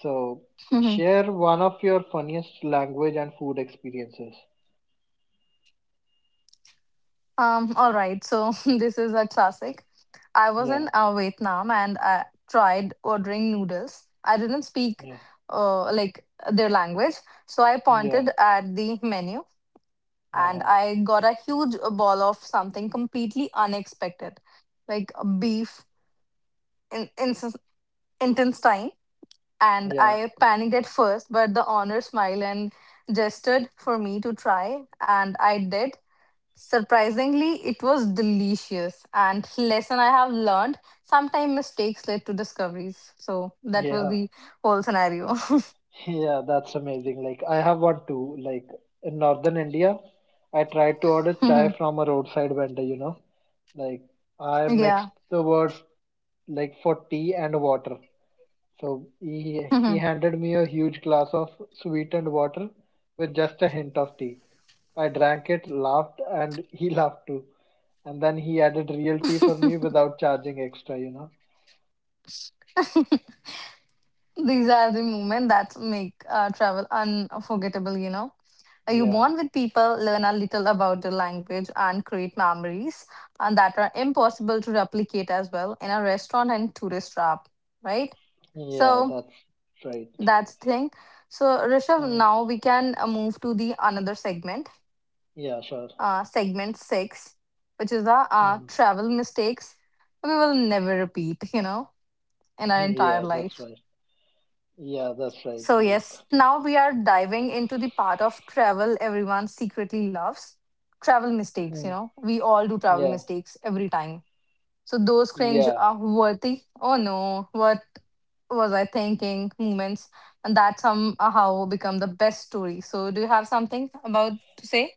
S2: So share one of your funniest language and food experiences.
S1: All right. So this is a classic. I was in
S2: Yeah,
S1: Vietnam and I tried ordering noodles. I didn't speak
S2: yeah,
S1: like their language, so I
S2: yeah,
S1: pointed at the menu and
S2: uh-huh.
S1: I got a huge ball of something completely unexpected, like a beef in intestine. And
S2: yeah,
S1: I panicked at first, but the owner smiled and gestured for me to try, and I did. Surprisingly, it was delicious. And lesson I have learned, sometimes mistakes led to discoveries. So that was
S2: yeah,
S1: the whole scenario.
S2: yeah. That's amazing. Like I have one too. Like in northern India, I tried to order chai from a roadside vendor. You know, like I
S1: Yeah.
S2: mixed the words like for tea and water. So he
S1: Mhm.
S2: handed me a huge glass of sweetened water with just a hint of tea. I drank it, laughed, and he laughed too. And then he added real tea for me without charging extra, you know?
S1: These are the moments that make travel unforgettable, you know. You
S2: Yeah,
S1: bond with people, learn a little about the language, and create memories and that are impossible to replicate as well in a restaurant and tourist trap, right?
S2: yeah,
S1: So
S2: that's right.
S1: that's the thing. So, Rishav,
S2: Um,
S1: now we can move to the another segment,
S2: yeah, sure.
S1: segment six, which is the
S2: Mm.
S1: travel mistakes we will never repeat, you know, in our entire
S2: Yeah, that's
S1: life.
S2: right. Yeah, that's right.
S1: So,
S2: Like,
S1: yes, now we are diving into the part of travel everyone secretly loves travel mistakes, you
S2: mm,
S1: know, we all do travel
S2: yeah,
S1: mistakes every time. So those cringe
S2: yeah.
S1: are worthy. Oh no, what was I thinking? Moments, and that somehow become the best story. So do you have something about to say?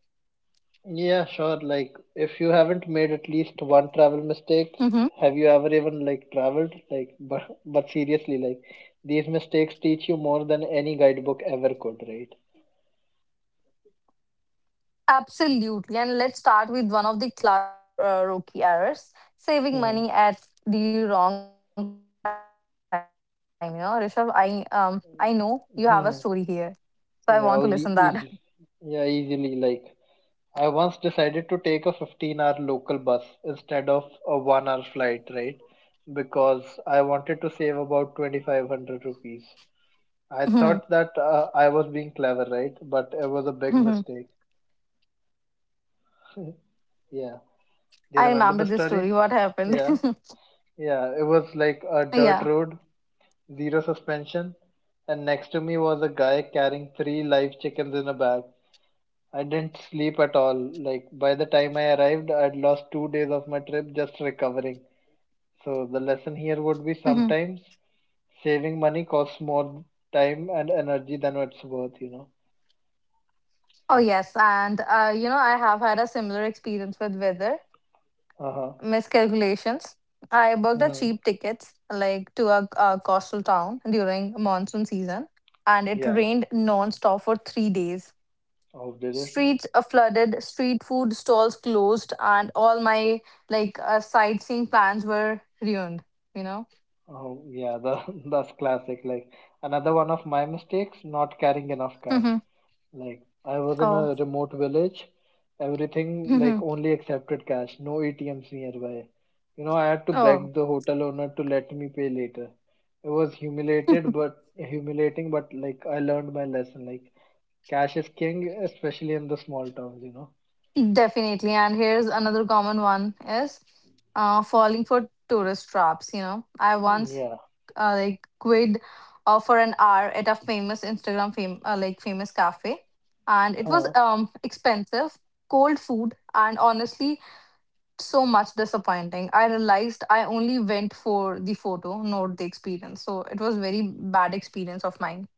S2: Yeah, sure. Like, if you haven't made at least one travel mistake,
S1: Mm-hmm.
S2: have you ever even like traveled? Like, but seriously, like these mistakes teach you more than any guidebook ever could, right?
S1: Absolutely. And let's start with one of the classic rookie errors saving
S2: Hmm.
S1: money at the wrong time. You know, Rishabh, I I know you have a story here. So I want to listen
S2: Hmm.
S1: that.
S2: Easy. Yeah, easily. Like, I once decided to take a 15-hour local bus instead of a one-hour flight, right? Because I wanted to save about 2,500 rupees.
S1: Mhm.
S2: I thought that I was being clever, right? But it was a
S1: Mhm.
S2: big mistake. Yeah.
S1: I
S2: Do you
S1: remember
S2: remember the
S1: this story.
S2: story?
S1: What happened?
S2: Yeah. Yeah. It was like a
S1: Yeah.
S2: dirt road, zero suspension, and next to me was a guy carrying 3 live chickens in a bag. I didn't sleep at all. Like by the time I arrived, I'd lost 2 days of my trip just recovering. So the lesson here would be
S1: Mm-hmm.
S2: sometimes saving money costs more time and energy than it's worth, you know.
S1: Oh, yes. And, you know, I have had a similar experience with weather
S2: Uh huh.
S1: miscalculations. I booked a
S2: Hmm.
S1: cheap tickets like to a coastal town during monsoon season, and it
S2: Yeah.
S1: rained non-stop for 3 days.
S2: Oh, did it?
S1: Streets flooded, street food stalls closed, and all my like sightseeing plans were ruined, you know?
S2: Oh, yeah, that's classic. Like, another one of my mistakes, not carrying enough cash. Like, I was in
S1: Oh.
S2: a remote village, everything, like,
S1: Oh.
S2: only accepted cash, no ATMs nearby. You know, I had to
S1: Mm-hmm.
S2: beg the hotel owner to let me pay later. It was humiliated, but humiliating, but like, I learned my lesson. Like, cash is king, especially in the small towns, you know.
S1: Definitely. And here's another common one is falling for tourist traps. You know, I
S2: Mm,
S1: once
S2: yeah.
S1: like quid for an hour at a famous Instagram like famous cafe, and it was
S2: Huh.
S1: expensive, cold food, and honestly so much disappointing. I realized I only went for the photo, not the experience. So it was very bad experience of mine.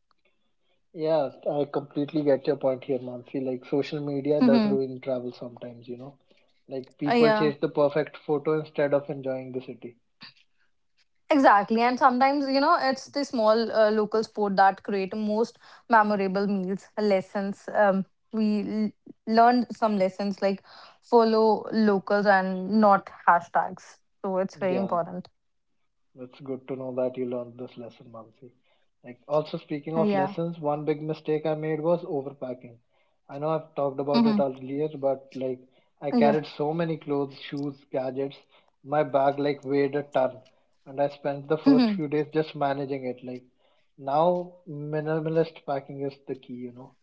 S2: Yeah, I completely get your point here, Mansi. Like social media does
S1: Mm-hmm.
S2: ruin travel sometimes, you know. Like people
S1: Yeah.
S2: chase the perfect photo instead of enjoying the city.
S1: Exactly, and sometimes you know it's the small local sport that create most memorable meals lessons. We learned some lessons like follow locals and not hashtags, so it's very
S2: Yeah.
S1: important.
S2: It's good to know that you learned this lesson, Mansi. Like, also speaking of
S1: Yeah.
S2: lessons, one big mistake I made was overpacking. I know I've talked about it
S1: Hmm.
S2: earlier, but like, I
S1: Yeah.
S2: carried so many clothes, shoes, gadgets. My bag like weighed a ton, and I spent the first few days just managing it. Like, now minimalist packing is the key, you know.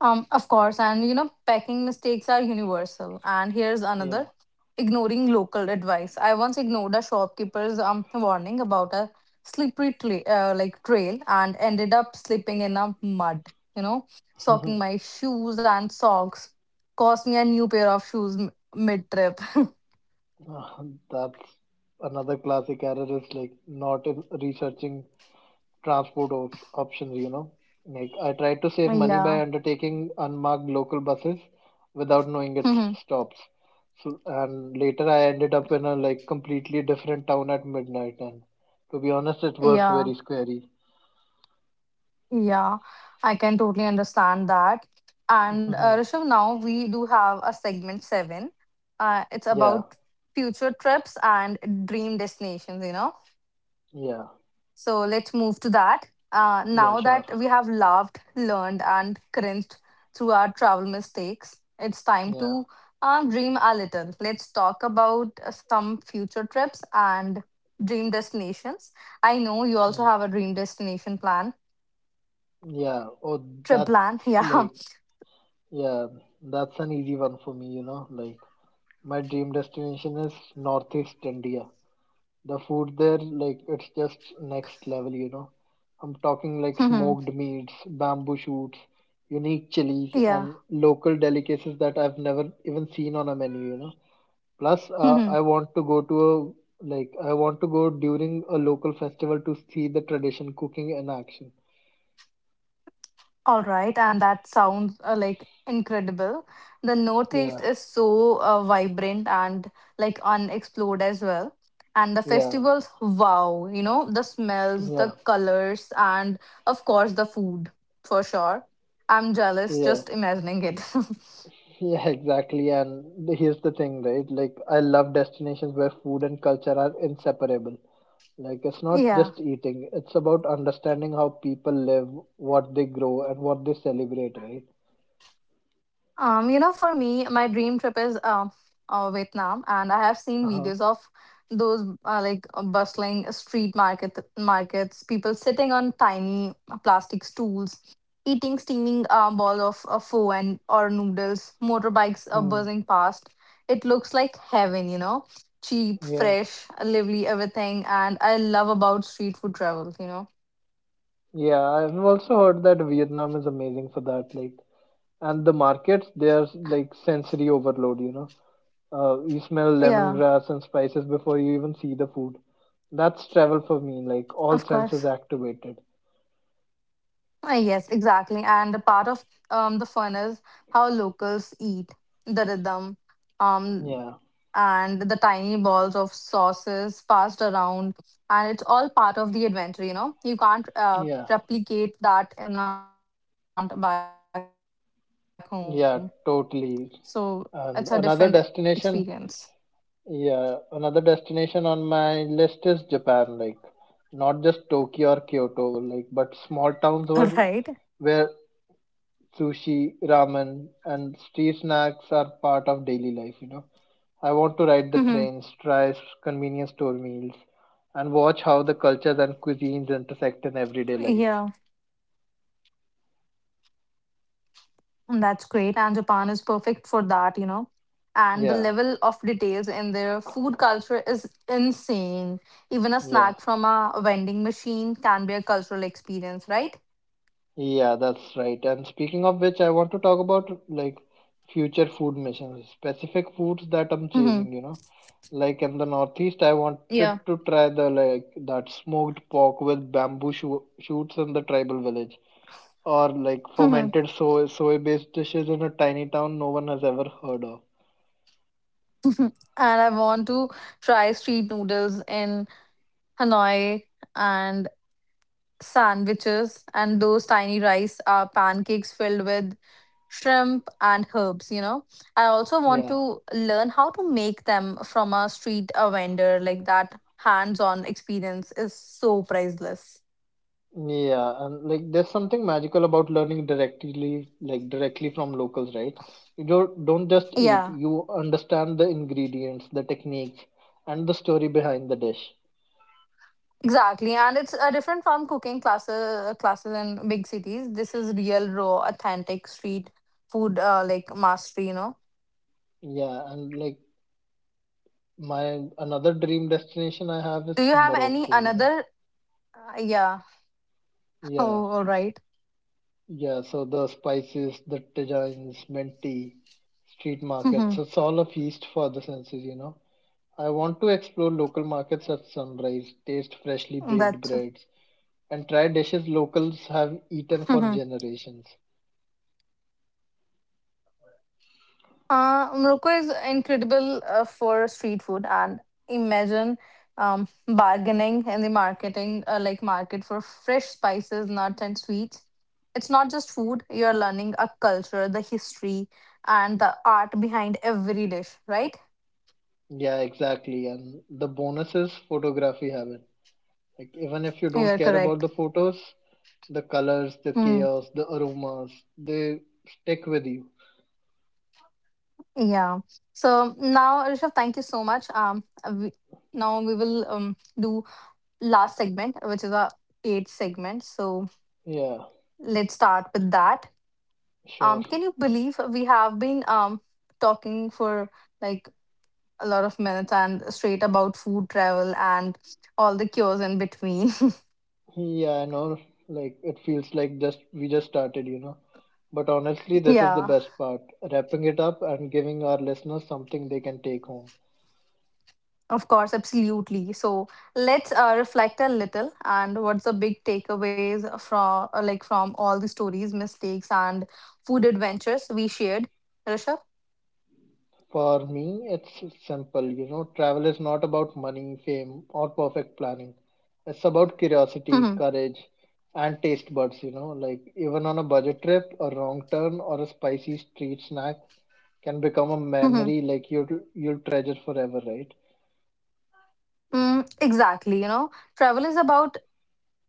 S1: Of course, and you know, packing mistakes are universal. And here's
S2: Yeah.
S1: another ignoring local advice. I once ignored a shopkeeper's warning about a like trail and ended up slipping in a mud, you know, soaking my shoes and socks. Cost me a new pair of shoes mid trip.
S2: That's another classic error is like not in researching transport op options, you know. Like I tried to save money by
S1: Yeah.
S2: undertaking unmarked local buses without knowing its stops. So, and later I ended up in a like completely different town at midnight, and to be honest, it was very
S1: Yeah.
S2: scary.
S1: Yeah, I can totally understand that. And
S2: Mhm.
S1: Rishabh, now we do have a segment seven. It's
S2: Yeah,
S1: about future trips and dream destinations, you know.
S2: yeah,
S1: So let's move to that.
S2: yeah,
S1: Now
S2: sure.
S1: that we have laughed, learned, and cringed through our travel mistakes, it's time
S2: Yeah,
S1: to dream a little. Let's talk about some future trips and dream destinations. I know you also
S2: mm,
S1: have a dream destination plan,
S2: yeah. Oh,
S1: trip
S2: that's
S1: plan. Yeah.
S2: like, yeah, that's an easy one for me, you know. Like, my dream destination is Northeast India. The food there, like, it's just next level, you know. I'm talking like smoked meats, bamboo shoots, unique chilies,
S1: Yeah.
S2: and local delicacies that I've never even seen on a menu, you know. Plus,
S1: Mhm.
S2: I want to go to a like I want to go during a local festival to see the tradition cooking in action.
S1: All right. And that sounds like incredible. The
S2: Yeah,
S1: Northeast is so vibrant and like unexplored as well. And the
S2: yeah,
S1: festivals, wow, you know, the smells,
S2: yeah,
S1: the colors, and of course, the food for sure. I'm jealous
S2: yeah,
S1: just imagining it.
S2: yeah, exactly. And here's the thing, right? Like, I love destinations where food and culture are inseparable. Like it's not
S1: Yeah.
S2: just eating, it's about understanding how people live, what they grow, and what they celebrate, right?
S1: You know, for me, my dream trip is Vietnam, and I have seen videos
S2: Uh-huh.
S1: of those like bustling street market markets, people sitting on tiny plastic stools, eating steaming balls of pho and or noodles, motorbikes are
S2: Hmm.
S1: buzzing past. It looks like heaven, you know, cheap,
S2: Yeah.
S1: fresh, lively, everything, and I love about street food travel, you know.
S2: Yeah, I've also heard that Vietnam is amazing for that. Like, and the markets, there's like sensory overload, you know. You smell
S1: Yeah,
S2: lemongrass and spices before you even see the food. That's travel for me, like all
S1: of
S2: senses
S1: course.
S2: activated.
S1: Yes, exactly. And the part of the fun is how locals eat the rhythm um,
S2: Yeah,
S1: and the tiny balls of sauces passed around. And it's all part of the adventure, you know? You can't
S2: yeah,
S1: replicate that in a restaurant back home.
S2: yeah,
S1: So it's a
S2: totally.
S1: different
S2: And another
S1: experience.
S2: destination Yeah, another destination on my list is Japan, like not just Tokyo or Kyoto, like but small towns
S1: Right?
S2: were where sushi, ramen, and street snacks are part of daily life, you know. I want to ride the
S1: Mhm.
S2: trains, try convenience store meals, and watch how the cultures and cuisines intersect in everyday life.
S1: Yeah. That's great. And Japan is perfect for that, you know. And the
S2: Yeah,
S1: level of details in their food culture is insane. Even a
S2: yeah.
S1: snack from a vending machine can be a cultural experience, right?
S2: Yeah, that's right. And speaking of which, I want to talk about like future food missions, specific foods that I'm
S1: Hmm.
S2: chasing, you know. Like in the Northeast, I
S1: Yeah.
S2: wanted to try the like that smoked pork with bamboo shoots in the tribal village, or like
S1: Hmm.
S2: fermented soy-based dishes in a tiny town no one has ever heard of.
S1: And I want to try street noodles in Hanoi and sandwiches and those tiny rice pancakes filled with shrimp and herbs, you know. I also want
S2: Yeah.
S1: to learn how to make them from a street a vendor. Like that hands on experience is so priceless.
S2: Yeah, and like there's something magical about learning directly, like directly from locals, right? You don't just eat,
S1: Yeah,
S2: you understand the ingredients, the techniques, and the story behind the dish.
S1: exactly, and it's a different from cooking classes classes in big cities. This is real raw authentic street food like mastery, you know.
S2: Yeah, and like my another dream destination I have
S1: Do
S2: is
S1: you have any
S2: Morocco, you know.
S1: another yeah.
S2: Yeah,
S1: Oh, all right.
S2: yeah, so the spices, the tagines, mint tea, street markets, it's all a feast for the senses, you know. I want to explore local markets at sunrise, taste freshly baked
S1: That's
S2: breads and try dishes locals have eaten for generations.
S1: Morocco is incredible for street food and imagine bargaining in the marketing like market for fresh spices, nuts and sweets. It's not just food, you're learning a culture, the history and the art behind every dish, right?
S2: Yeah, exactly. And the bonus is photography heaven. Like even if you don't
S1: You're
S2: care about
S1: correct.
S2: the photos, the colors, the
S1: Hmm.
S2: chaos, the aromas, they stick with you.
S1: Yeah. So now, Rishabh, thank you so much. Now we will do last segment, which is our eighth segment. So
S2: Yeah,
S1: let's start with that.
S2: sure.
S1: Can you believe we have been talking for like a lot of minutes and straight about food travel and all the cures in between?
S2: Yeah, I know. Like it feels like just we just started, you know. But honestly, this is the
S1: Yeah,
S2: best part, wrapping it up and giving our listeners something they can take home.
S1: of course, absolutely. So let's reflect a little and what's the big takeaways from like from all the stories, mistakes, and food adventures we shared, Rishabh.
S2: For me, it's simple. You know, travel is not about money, fame, or perfect planning. It's about curiosity,
S1: Mm-hmm.
S2: courage, and taste buds. You know, like even on a budget trip, a wrong turn or a spicy street snack can become a
S1: Mm-hmm.
S2: memory like you'll treasure forever, right?
S1: Mm, exactly. You know, travel is about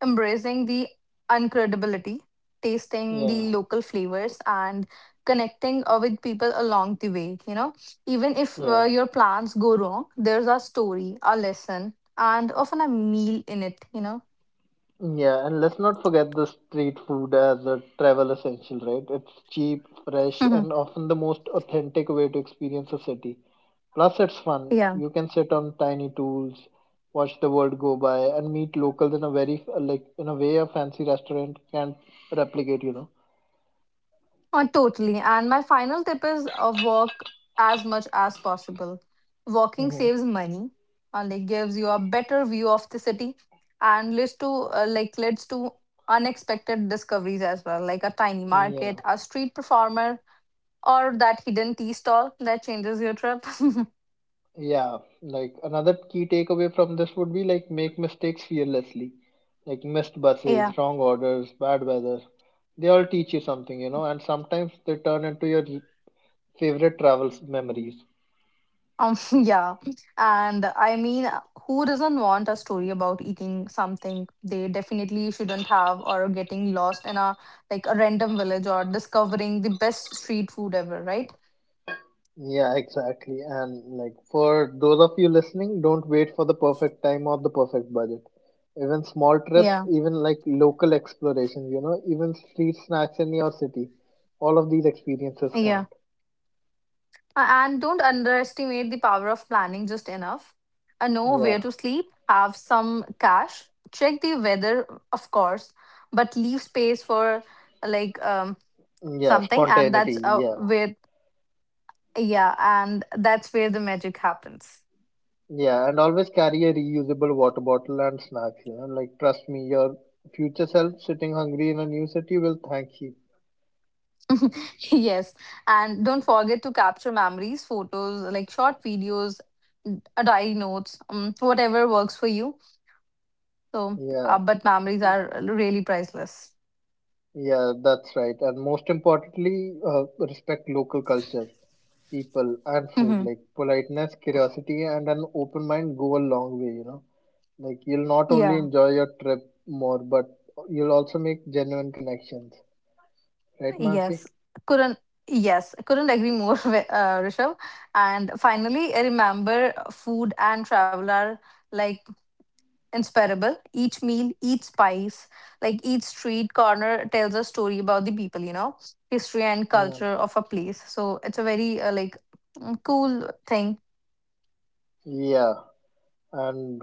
S1: embracing the uncredibility, tasting
S2: Yeah,
S1: the local flavors, and connecting with people along the way. You know, even if
S2: yeah.
S1: your plans go wrong, there's a story, a lesson, and often a meal in it. You
S2: Yeah, and let's not forget the street food as a travel essential, right? It's cheap, fresh,
S1: know.
S2: and often the most authentic way to experience a city. Plus, it's fun.
S1: Yeah.
S2: You can sit on tiny tools, watch the world go by, and meet locals in a very like in a way a fancy restaurant can't replicate. You know.
S1: Totally. And my final tip is walk as much as possible. Walking
S2: Hmm.
S1: saves money and it gives you a better view of the city and leads to like leads to unexpected discoveries as well, like a tiny market,
S2: Yeah.
S1: a street performer, or that hidden tea stall that changes your trip.
S2: Yeah, like another key takeaway from this would be like make mistakes fearlessly. Like missed
S1: Yeah.
S2: buses, wrong orders, bad weather. They all teach you something, you know, and sometimes they turn into your favorite travel memories.
S1: Um, yeah. And I mean, who doesn't want a story about eating something they definitely shouldn't have or getting lost in a like a random village or discovering the best street food ever, right?
S2: Yeah, exactly. And like for those of you listening, don't wait for the perfect time or the perfect budget. Even small trips,
S1: Yeah.
S2: even like local explorations, you know, even street snacks in your city, all of these experiences
S1: Yeah.
S2: count.
S1: A- And don't underestimate the power of planning just enough. Know
S2: Yeah.
S1: where to sleep, have some cash, check the weather, of course, but leave space for like um
S2: Yeah,
S1: something, and
S2: spontaneity.
S1: that's
S2: Yeah.
S1: where yeah, and that's where the magic happens.
S2: Yeah, and always carry a reusable water bottle and snacks, you know. Like, trust me, your future self sitting hungry in a new city will thank you.
S1: Yes, and don't forget to capture memories, photos, like short videos, diary notes, whatever works for you. So
S2: Yeah,
S1: but memories are really priceless.
S2: yeah, that's right. And most importantly, respect local culture, people, and food.
S1: Hmm.
S2: Like, politeness, curiosity, and an open mind go a long way, you know. Like, you'll not only
S1: Yeah.
S2: enjoy your trip more, but you'll also make genuine connections. Right,
S1: yes
S2: Mansi?
S1: couldn't yes, I couldn't agree more with, Rishabh. And finally, I remember food and travel are like inspirable. Each meal, each spice, like each street corner tells a story about the people, you know, history and
S2: Yeah,
S1: culture of a place. So it's a very like cool thing.
S2: yeah, and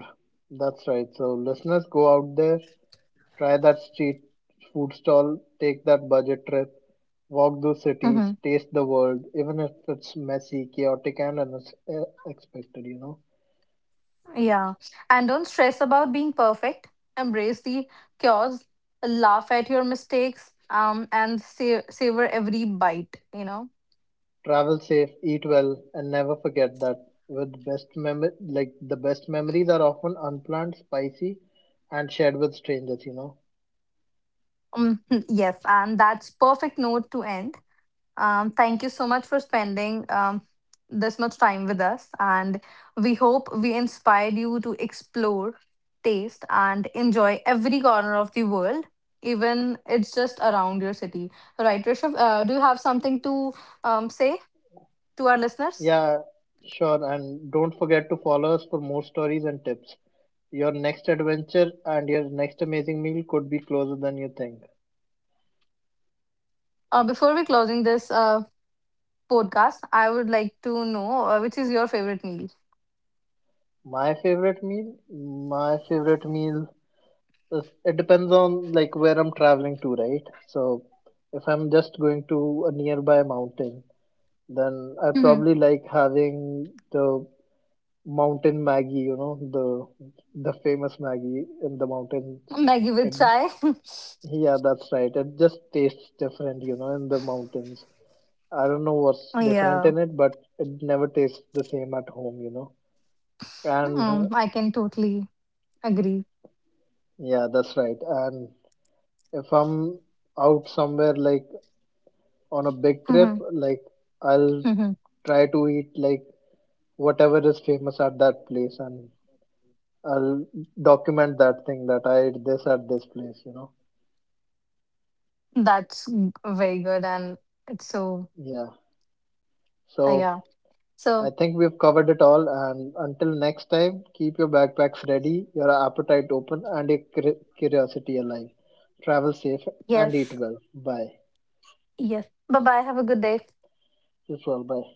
S2: that's right. So, listeners, go out there. Try that street food stall, take that budget trip, walk those cities,
S1: Hmm.
S2: taste the world, even if it's messy, chaotic, and unexpected, you know.
S1: Yeah. And don't stress about being perfect. Embrace the chaos, laugh at your mistakes, and savor every bite, you know.
S2: Travel safe, eat well, and never forget that with best mem like the best memories are often unplanned, spicy, and shared with strangers, you know.
S1: Mm, yes, and that's perfect note to end. Thank you so much for spending this much time with us. And we hope we inspired you to explore, taste, and enjoy every corner of the world, even it's just around your city. Right, Rishabh, do you have something to say to our listeners?
S2: Yeah, sure, and don't forget to follow us for more stories and tips. Your next adventure and your next amazing meal could be closer than you think.
S1: Before we closing this podcast, I would like to know which is your favorite meal?
S2: My favorite meal? My favorite meal is, it depends on like where I'm traveling to, right? So if I'm just going to a nearby mountain, then I
S1: Mhm.
S2: probably like having the mountain Maggie, you know, the famous Maggie in the mountains.
S1: Maggie with
S2: It,
S1: chai.
S2: yeah, that's right. It just tastes different, you know, in the mountains. I don't know what's different
S1: Yeah,
S2: in it, but it never tastes the same at home, you know. And
S1: I can totally agree.
S2: yeah, that's right. And if I'm out somewhere like on a big trip,
S1: Mhm.
S2: like I'll
S1: Mhm.
S2: try to eat like whatever is famous at that place and I'll document that thing that I ate this at this place, you know.
S1: That's very good. And it's so,
S2: Yeah. So
S1: yeah.
S2: I
S1: So,
S2: think we've covered it all and until next time, keep your backpacks ready, your appetite open and your curiosity alive. Travel safe and eat
S1: yes,
S2: well. Bye.
S1: yes. Bye bye. Have a good day.
S2: This all. Bye.